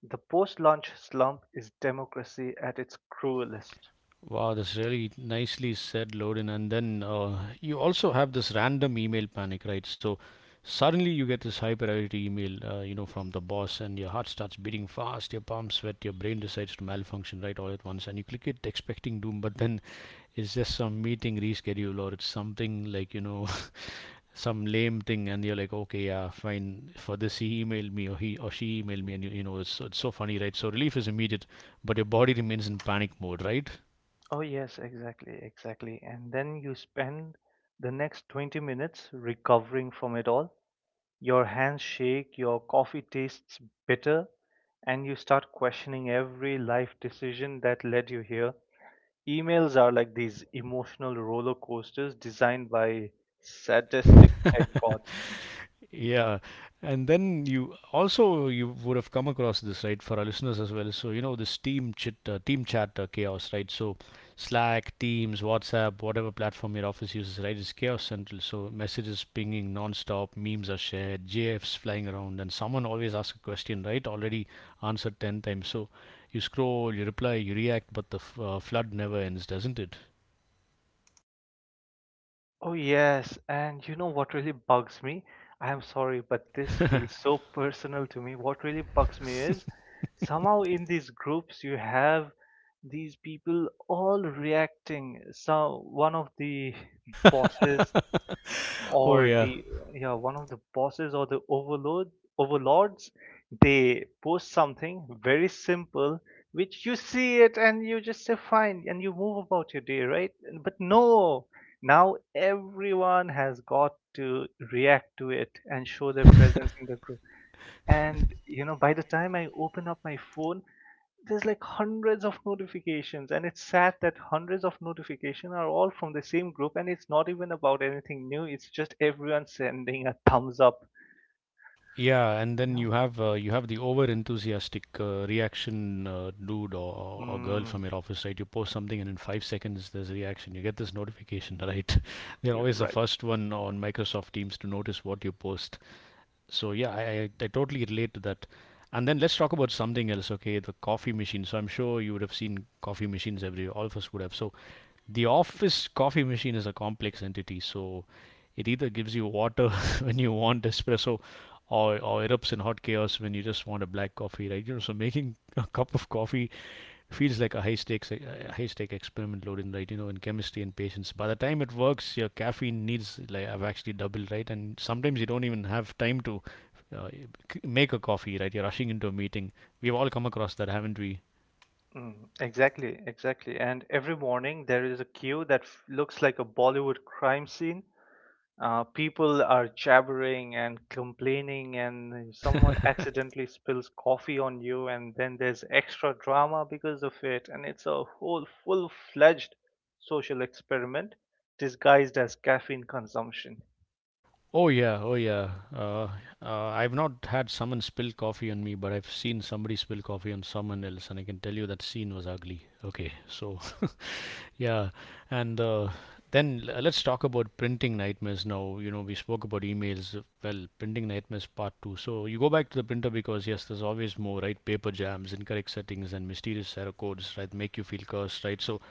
The post launch slump is democracy at its cruelest.
Wow, that's really nicely said, Lodin. And then you also have this random email panic, right? So suddenly you get this high priority email, you know, from the boss, and your heart starts beating fast, your palms sweat, your brain decides to malfunction right all at once, and you click it expecting doom, but then it's just some meeting reschedule, or it's something like, you know, some lame thing, and you're like, okay, yeah, fine, for this he emailed me, or he or she emailed me. And you know, it's so funny, right? So relief is immediate, but your body remains in panic mode, right?
Oh, yes, exactly, exactly. And then you spend the next 20 minutes recovering from it all. Your hands shake, your coffee tastes bitter, and you start questioning every life decision that led you here. Emails are like these emotional roller coasters designed by sadistic tech gods.
Yeah, and then you also, you would have come across this, right, for our listeners as well. So you know this team chat chaos, right? So Slack, Teams, WhatsApp, whatever platform your office uses, right, is chaos central. So messages pinging nonstop, memes are shared, GFs flying around, and someone always asks a question, right? Already answered 10 times. So you scroll, you reply, you react, but the flood never ends, doesn't it?
Oh, yes. And you know what really bugs me? I am sorry, but this feels so personal to me. What really bugs me is somehow in these groups you have these people all reacting. So one of the bosses
Oh
or
yeah.
the yeah one of the bosses or the overlords, they post something very simple which you see it, and you just say fine and you move about your day, right? But no, now everyone has got to react to it and show their presence in the group. And you know, by the time I open up my phone, there's like hundreds of notifications, and it's sad that hundreds of notifications are all from the same group, and it's not even about anything new. It's just everyone sending a thumbs up.
Yeah, and then
Yeah.
you have the over enthusiastic reaction dude or girl
Mm,
from your office, right? You post something and in 5 seconds there's a reaction. You get this notification, right? They're
you're
always the
right.
first one on Microsoft Teams to notice what you post. So yeah, I totally relate to that. And then let's talk about something else, okay? The coffee machine. So I'm sure you would have seen coffee machines everywhere. All of us would have. So the office coffee machine is a complex entity. So it either gives you water when you want espresso, or erupts in hot chaos when you just want a black coffee, right? You know, so making a cup of coffee feels like a high stakes a high stake experiment loaded, right, you know, in chemistry and patience. By the time it works, your caffeine needs like have actually doubled, right? And sometimes you don't even have time to uh, make a coffee, right? You're rushing into a meeting. We've all come across that, haven't we?
Mm, exactly, exactly. And every morning there is a queue that looks like a Bollywood crime scene. People are jabbering and complaining, and someone accidentally spills coffee on you, and then there's extra drama because of it, and it's a whole full fledged social experiment disguised as caffeine consumption.
Oh yeah, oh yeah. I've not had someone spill coffee on me, but I've seen somebody spill coffee on someone else, and I can tell you that scene was ugly, okay? So yeah, and let's talk about printing nightmares now. You know, we spoke about emails. Well, printing nightmares part two. So you go back to the printer because yes, there's always more, right? Paper jams, incorrect settings, and mysterious error codes, right? Make you feel cursed, right? So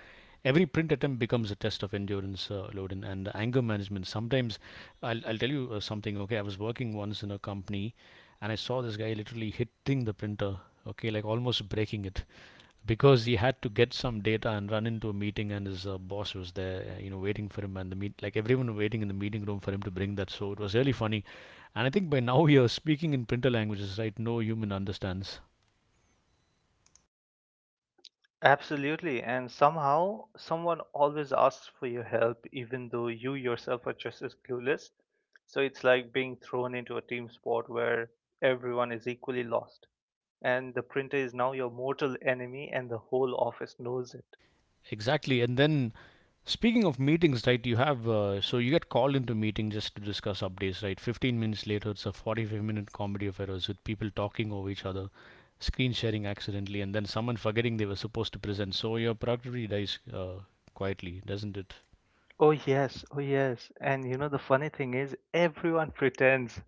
every print attempt becomes a test of endurance, Loden, and anger management. Sometimes, I'll tell you something. Okay, I was working once in a company, and I saw this guy literally hitting the printer. Okay, like almost breaking it, because he had to get some data and run into a meeting, and his boss was there you know, waiting for him, and the meet like everyone waiting in the meeting room for him to bring that. So it was really funny, and I think by now you're speaking in printer languages, right? No human understands.
Absolutely, and somehow someone always asks for your help, even though you yourself are just as clueless. So it's like being thrown into a team sport where everyone is equally lost. And the printer is now your mortal enemy and the whole office knows it.
Exactly. And then, speaking of meetings, right, you have so you get called into a meeting just to discuss updates, right? 15 minutes later, it's a 45-minute comedy of errors, with people talking over each other, screen sharing accidentally, and then someone forgetting they were supposed to present. So your productivity dies quietly, doesn't it?
Oh yes, oh yes. And you know the funny thing is everyone pretends.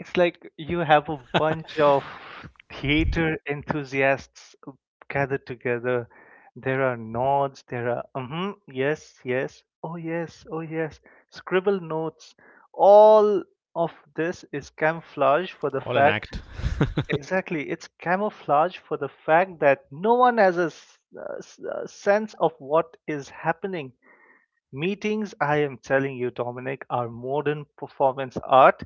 It's like you have a bunch of theater enthusiasts gathered together. There are nods, there are mm-hmm, yes, yes, oh yes, oh yes, scribble notes. All of this is camouflage for the
All an
fact.
act.
Exactly. It's camouflage for the fact that no one has a, a sense of what is happening. Meetings, I am telling you, Dominic, are modern performance art,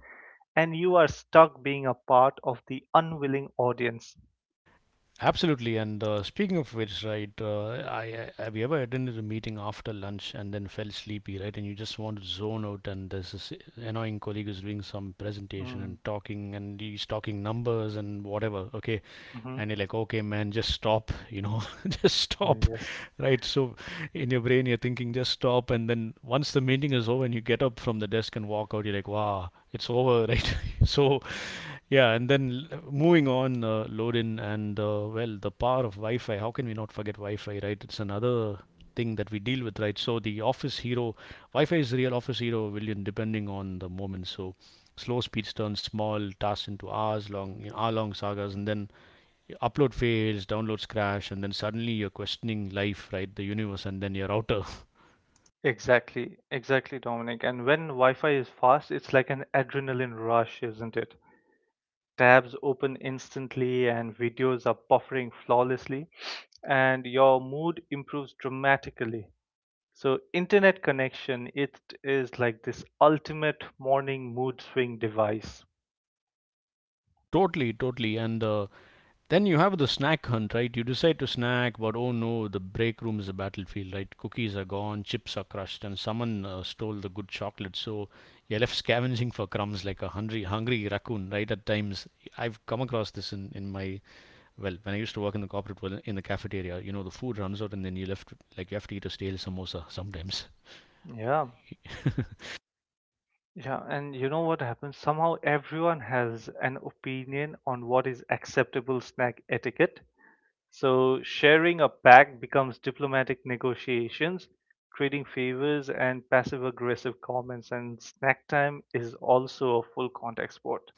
and you are stuck being a part of the unwilling audience.
Absolutely. And speaking of which, right, I have you ever attended a meeting after lunch and then felt sleepy, right? And you just want to zone out, and there's this annoying colleague who's doing some presentation and
Mm,
talking, and he's talking numbers and whatever. Okay,
hmm.
and you're like, okay, man, just stop, you know, just
Oh,
stop,
yes.
right? So in your brain, you're thinking, just stop, and then once the meeting is over and you get up from the desk and walk out, you're like, wow, it's over, right? So yeah, moving on, Lorin, and well, the power of Wi Fi. How can we not forget Wi Fi, right? It's another thing that we deal with, right? So, the office hero, Wi Fi is the real office hero, William, depending on the moment. So, slow speeds turn small tasks into you know, hour long sagas, and then your upload fails, downloads crash, and then suddenly you're questioning life, right? The universe, and then your router.
Exactly, exactly, Dominic. And when Wi Fi is fast, it's like an adrenaline rush, isn't it? Tabs open instantly and videos are buffering flawlessly, and your mood improves dramatically. So internet connection, it is like this ultimate morning mood swing device.
Totally, totally. And then you have the snack hunt, right? You decide to snack, but oh no, the break room is a battlefield, right? Cookies are gone, chips are crushed, and someone stole the good chocolate. So you're left scavenging for crumbs like a hungry, hungry raccoon, right? At times, I've come across this in my, well, when I used to work in the corporate world, in the cafeteria, you know, the food runs out and then you're left, like, you have to eat a stale samosa sometimes.
Yeah. Yeah, and you know what happens? Somehow everyone has an opinion on what is acceptable snack etiquette. So sharing a pack becomes diplomatic negotiations, trading favors, and passive aggressive comments, and snack time is also a full contact sport.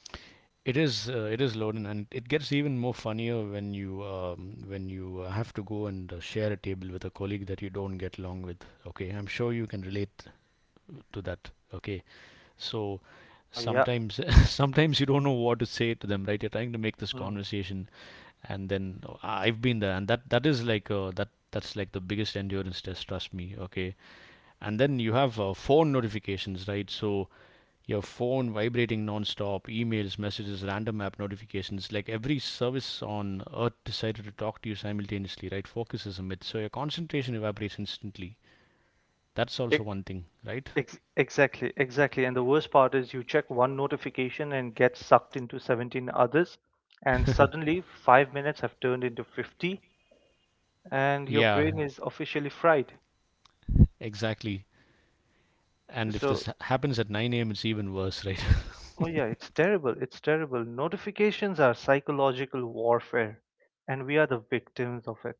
It is, it is loaded, and it gets even more funnier when you have to go and share a table with a colleague that you don't get along with. Okay, I'm sure you can relate to that. Okay, so
Oh, yeah.
sometimes sometimes you don't know what to say to them, right? You're trying to make this
Mm.
conversation, and then oh, I've been there, and that is like that's like the biggest endurance test. Trust me. Okay, and then you have phone notifications, right? So your phone vibrating non-stop, emails, messages, random app notifications. Like every service on earth decided to talk to you simultaneously, right? Focus is a myth. So your concentration evaporates instantly. That's also
Ex-
one thing, right?
exactly. And the worst part is you check one notification and get sucked into 17 others, and suddenly 5 minutes have turned into 50, and your
Yeah,
brain is officially fried.
exactly. And if
So,
this happens at 9 a.m., it's even worse, right?
oh, yeah, it's terrible. It's terrible. Notifications are psychological warfare, and we are the victims of it.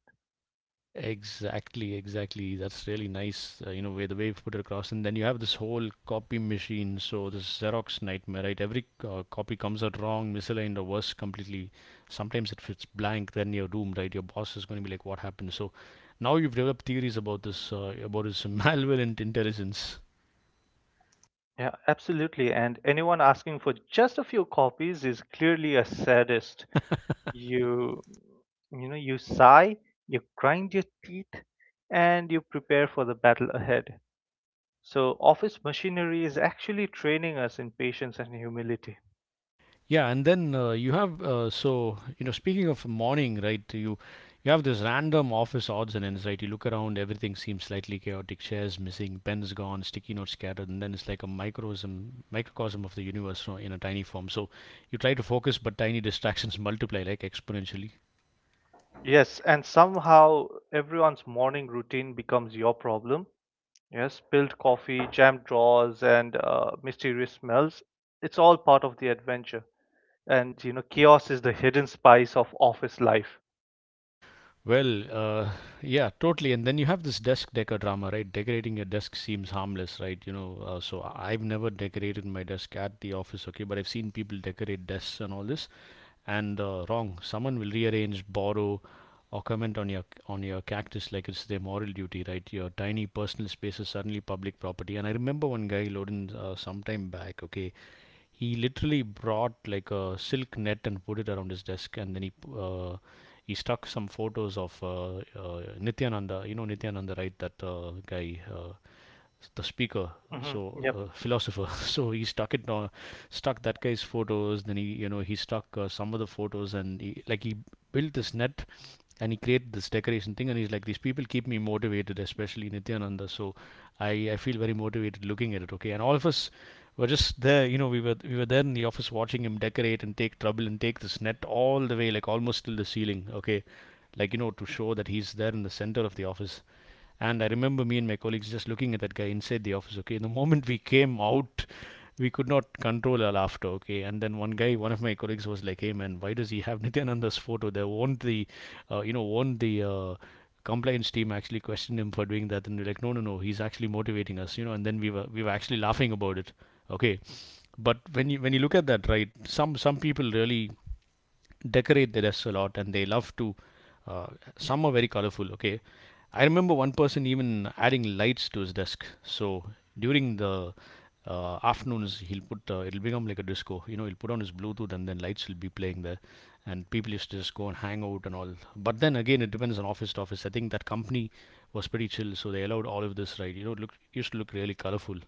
Exactly, exactly. That's really nice, you know, way you put it across. And then you have this whole copy machine. So this Xerox nightmare, right? Every copy comes out wrong, misaligned, or worse, completely. Sometimes if it's blank, then you're doomed, right? Your boss is going to be like, "What happened?" So now you've developed theories about this malware and intelligence.
Yeah, absolutely. And anyone asking for just a few copies is clearly a sadist. You, you know, you sigh, you grind your teeth, and you prepare for the battle ahead. So, office machinery is actually training us in patience and humility.
Yeah, and then you have so you know, speaking of morning, right? You have this random office odds and ends, right? You look around, everything seems slightly chaotic. Chairs missing, pens gone, sticky notes scattered, and then it's like a microcosm of the universe, you know, in a tiny form. So you try to focus, but tiny distractions multiply like exponentially.
Yes, and somehow everyone's morning routine becomes your problem. Yes, spilled coffee, jammed drawers, and mysterious smells. It's all part of the adventure. And you know, chaos is the hidden spice of office life.
Well, yeah, totally. And then you have this desk decor drama, right? Decorating your desk seems harmless, right? You know, I've never decorated my desk at the office, okay, but I've seen people decorate desks and all this, and wrong. Someone will rearrange, borrow, or comment on your cactus like it's their moral duty, right? Your tiny personal space is suddenly public property. And I remember one guy, Loden, sometime back. Okay, he literally brought like a silk net and put it around his desk, and then he stuck some photos of Nityananda. You know Nityananda, right? That guy. The speaker,
Hmm. Yep.
so philosopher. So he stuck it on, stuck that guy's photos. Then he, you know, he stuck some of the photos, and he, like he built this net, and he created this decoration thing. And he's like, these people keep me motivated, especially Nityananda. So I feel very motivated looking at it. Okay, and all of us were just there. You know, we were there in the office watching him decorate and take trouble and take this net all the way, like almost till the ceiling. Okay, like, you know, to show that he's there in the center of the office. And I remember me and my colleagues just looking at that guy inside the office. Okay, the moment we came out, we could not control our laughter. Okay, and then one guy, one of my colleagues, was like, "Hey man, why does he have Nityananda's photo there? Won't the, you know, won't the compliance team actually question him for doing that?" And we're like, "No, no, no, he's actually motivating us, you know." And then we were actually laughing about it. Okay, but when you look at that, right? Some people really decorate the desk a lot, and they love to uh, some are very colorful, okay. I remember one person even adding lights to his desk. So during the afternoons, he'll put it'll become like a disco, you know. He'll put on his bluetooth and then lights will be playing there, and people used to just go and hang out and all. But then again, it depends on office to office. I think that company was pretty chill, so they allowed all of this, right? You know, it look used to look really colorful.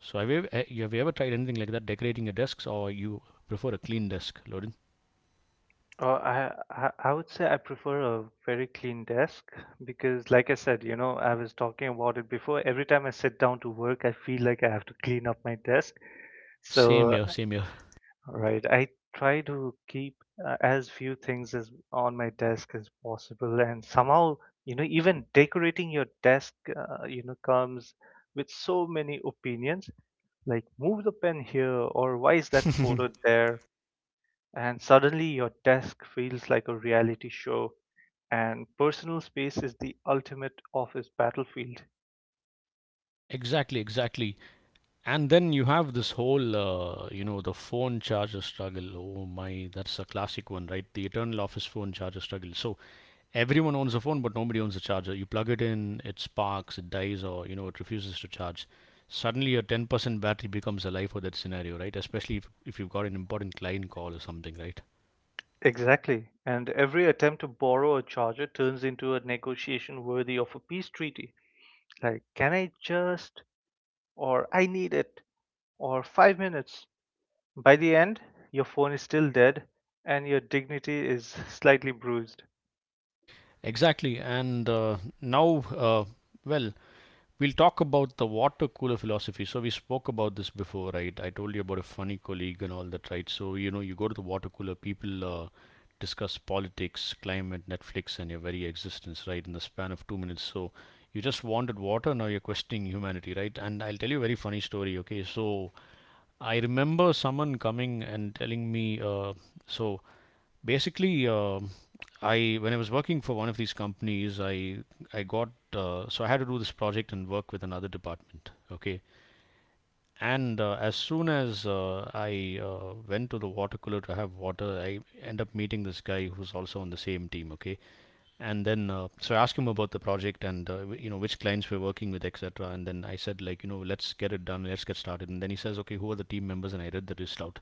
So have you ever tried anything like that, decorating your desks, or you prefer a clean desk, Loden?
I I would say I prefer a very clean desk because, like I said, you know, I was talking about it before. Every time I sit down to work, I feel like I have to clean up my desk.
Same
So,
here, same here.
right. I try to keep as few things as on my desk as possible, and somehow, you know, even decorating your desk, you know, comes with so many opinions. Like, move the pen here, or why is that photo there? And suddenly, your desk feels like a reality show, and personal space is the ultimate office battlefield.
Exactly, exactly. And then you have this whole, you know, the phone charger struggle. Oh my, that's a classic one, right? The eternal office phone charger struggle. So everyone owns a phone, but nobody owns a charger. You plug it in, it sparks, it dies, or, it refuses to charge. Suddenly, your 10% battery becomes a life for that scenario, right? Especially if you've got an important client call or something, right?
Exactly. And every attempt to borrow a charger turns into a negotiation worthy of a peace treaty. Like, can I just, or I need it, or 5 minutes. By the end, your phone is still dead, and your dignity is slightly bruised.
Exactly. And now, well, we'll talk about the water cooler philosophy. So we spoke about this before, right? I told you about a funny colleague and all that, right? So you know, you go to the water cooler, people discuss politics, climate, Netflix, and your very existence, right, in the span of 2 minutes. So you just wanted water, now you're questioning humanity, right? And I'll tell you a very funny story, okay? So I remember someone coming and telling me, so basically, uh, I when I was working for one of these companies, I got I had to do this project and work with another department. Okay, and as soon as I went to the water cooler to have water, I end up meeting this guy who's also on the same team. Okay, and then I asked him about the project and you know which clients we're working with, etc. And then I said, like, you know, let's get it done, let's get started. And then he says, okay, who are the team members? And I read the list out,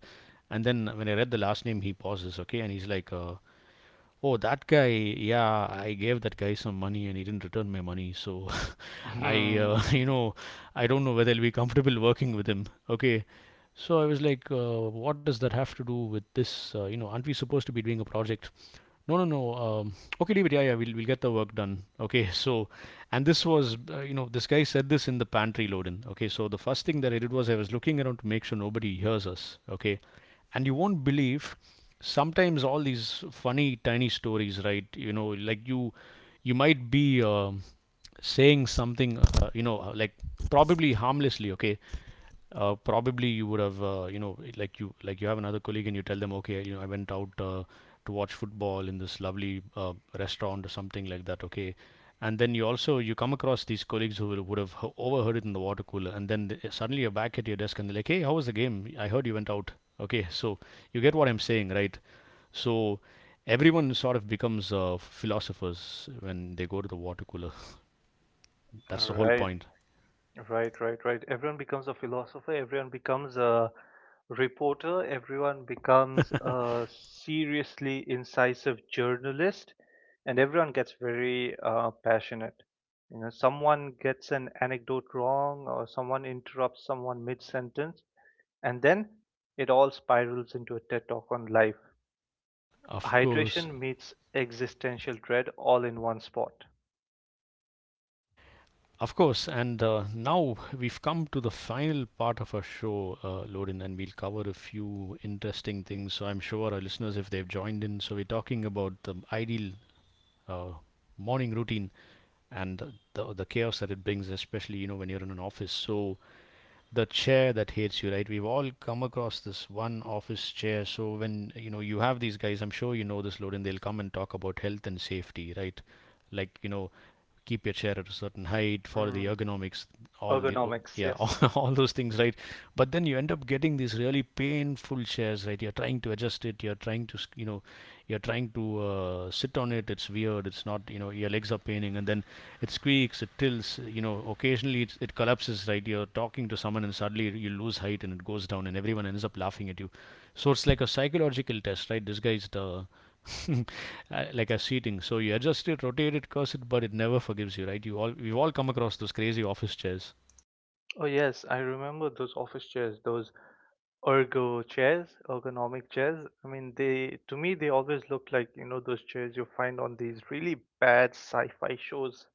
and then when I read the last name, he pauses. Okay, and he's like, oh, that guy. Yeah, I gave that guy some money and he didn't return my money. So I, uh,
Hmm.
you know, I don't know whether I'll be comfortable working with him. Okay. So I was like, what does that have to do with this? You know, aren't we supposed to be doing a project? No, no, no. Okay, leave it. Yeah, yeah, we'll get the work done. Okay, so, and this was, you know, this guy said this in the pantry load in. Okay, so the first thing that I did was I was looking around to make sure nobody hears us. Okay, and you won't believe sometimes all these funny tiny stories, right? You know, like you might be saying something, you know, like probably harmlessly, okay, probably you would have, you know, like you have another colleague and you tell them, okay, you know, I went out, to watch football in this lovely restaurant or something like that, okay, and then you come across these colleagues who would have overheard it in the water cooler, and then suddenly you're back at your desk and they're like, hey, how was the game, I heard you went out, okay, so you get what I'm saying, right? So everyone sort of becomes, philosophers when they go to the water cooler. That's the whole
right
point.
right right right Everyone becomes a philosopher, everyone becomes a reporter, everyone becomes a seriously incisive journalist, and everyone gets very passionate. You know, someone gets an anecdote wrong, or someone interrupts someone mid sentence, and then it all spirals into a TED talk on life.
Of course.
Hydration meets existential dread all in one spot.
Of course, and now we've come to the final part of our show, Lorin, and we'll cover a few interesting things. So I'm sure our listeners, if they've joined in, so we're talking about the ideal uh, morning routine and the chaos that it brings, especially you know when you're in an office. So the chair that hates you, right? We've all come across this one office chair. So when you know you have these guys, I'm sure you know this, Loden. They'll come and talk about health and safety, right? Like, you know, keep your chair at a certain height, follow the
Mm,
ergonomics, all the,
ergonomics,
yeah, all,
yes.
all those things, right? But then you end up getting these really painful shares, right? You're trying to adjust it, you're trying to, you know, you're trying to sit on it, it's weird, it's not, you know, your legs are paining, and then it squeaks, it tilts, you know, occasionally it collapses, right? You're talking to someone and suddenly you lose height and it goes down and everyone ends up laughing at you. So it's like a psychological test, right? This guy's the like a seating. So you adjust it, rotate it, curse it, but it never forgives you, right? you all we've all come across those crazy office chairs.
Oh, yes, I remember those office chairs, those ergo chairs, ergonomic chairs. I mean, they, to me, they always look like, you know, those chairs you find on these really bad sci-fi shows,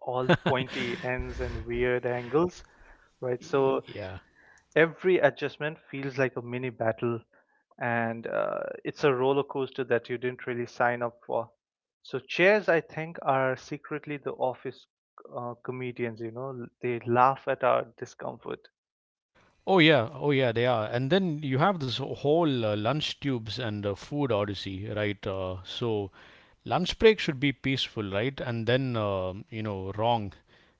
all pointy ends and weird angles, right? So
Yeah.
every adjustment feels like a mini battle, and it's a roller coaster that you didn't really sign up for. So chairs, I think, are secretly the office comedians. You know, they laugh at our discomfort.
Oh yeah, oh yeah, they are. And then you have this whole lunch tubes and food odyssey, right? Lunch break should be peaceful, right? And then, you know, wrong.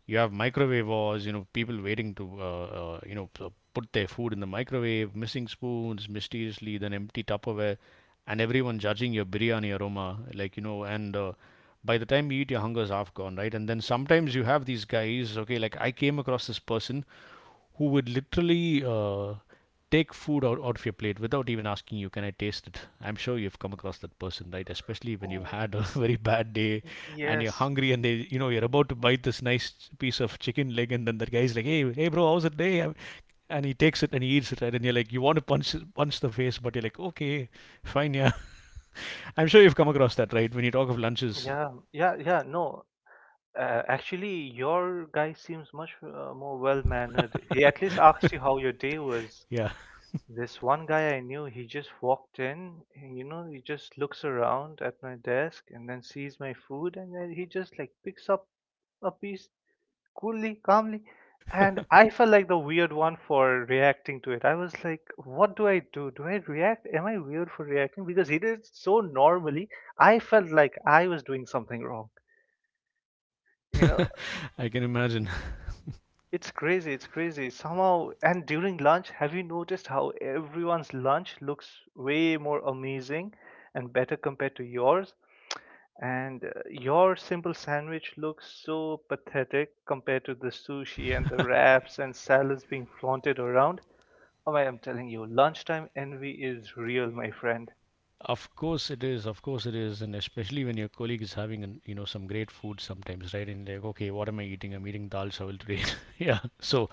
You have microwave wars, you know, people waiting to, you know, put their food in the microwave, missing spoons mysteriously, then empty Tupperware, and everyone judging your biryani aroma, like, you know, and by the time you eat, your hunger's half gone, right? And then sometimes you have these guys, okay, like I came across this person who would literally take food out, out of your plate without even asking, you can I taste it? I'm sure you've come across that person, right? Especially when you've
Oh,
had a very bad day,
y-
and you're
yes.
hungry, and they, you know, you're about to bite this nice piece of chicken leg, and then that guy's like, hey, hey bro, how's the day? And he takes it and he eats it, right? And you're like, you want to punch the face, but you're like, okay, fine. Yeah. I'm sure you've come across that, right, when you talk of
Mhm.
lunches.
Yeah, yeah, yeah. No, actually, your guy seems much more well mannered. He at least asked you how your day was.
Yeah.
This one guy I knew, he just walked in, and, you know, he just looks around at my desk and then sees my food, and then he just like picks up a piece coolly, calmly. And I felt like the weird one for reacting to it. I was like, what do I do? Do I react? Am I weird for reacting? Because he did it so normally, I felt like I was doing something wrong. You know,
I can imagine.
it's crazy, it's crazy. Somehow, and during lunch, have you noticed how everyone's lunch looks way more amazing and better compared to yours? And your simple sandwich looks so pathetic compared to the sushi and the wraps and salads being flaunted around. Oh, my, I'm telling you, lunchtime envy is real, my friend.
Of course it is. Of course it is, and especially when your colleague is having an, you know, some great food sometimes, right? And like, okay, what am I eating? I'm eating dal chawal today. Yeah. So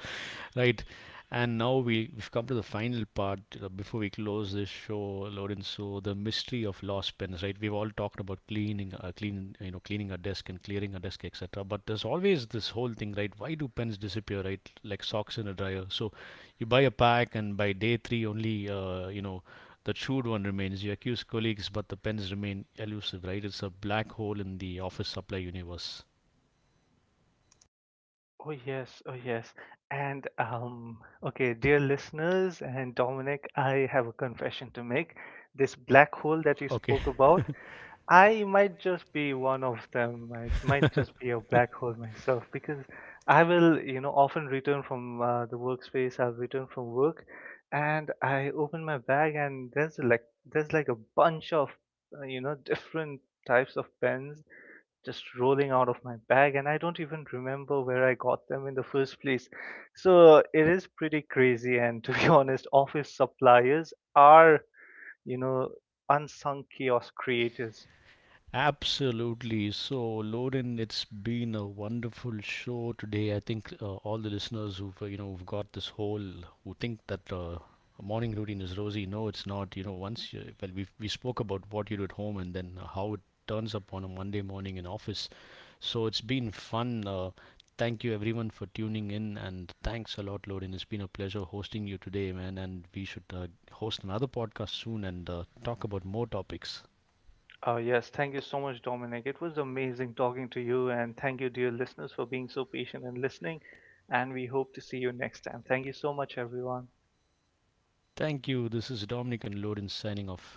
right. And now we've come to the final part before we close this show, Lorenzo, the mystery of lost pens, right? We've all talked about cleaning, you know, cleaning our desk and clearing our desk, etc. But there's always this whole thing, right? Why do pens disappear, right? Like socks in a dryer. So you buy a pack, and by day three, only, you know, the chewed one remains. You accuse colleagues, but the pens remain elusive, right? It's a black hole in the office supply universe.
Oh yes, oh yes. And okay, dear listeners and Dominic, I have a confession to make. This black hole that you
Okay.
spoke about, I might just be one of them. I might just be a black hole myself because I will, you know, often return from the workspace. I'll return from work, and I open my bag, and there's like a bunch of, you know, different types of pens just rolling out of my bag, and I don't even remember where I got them in the first place. So it is pretty crazy, and to be honest, office suppliers are, you know, unsung chaos creators.
Absolutely. So, Loren, it's been a wonderful show today. I think all the listeners who've, you know, who've got this whole who think that a morning routine is rosy. No, it's not. You know, once you, well, we spoke about what you do at home and then how it turns up on a Monday morning in office. So it's been fun. Thank you everyone for tuning in and thanks a lot, Loren. It's been a pleasure hosting you today, man. And we should host another podcast soon and talk about more topics.
Oh yes, thank you so much, Dominic. It was amazing talking to you, and thank you, dear listeners, for being so patient and listening. And we hope to see you next time. Thank you so much, everyone.
Thank you. This is Dominic and Loden signing off.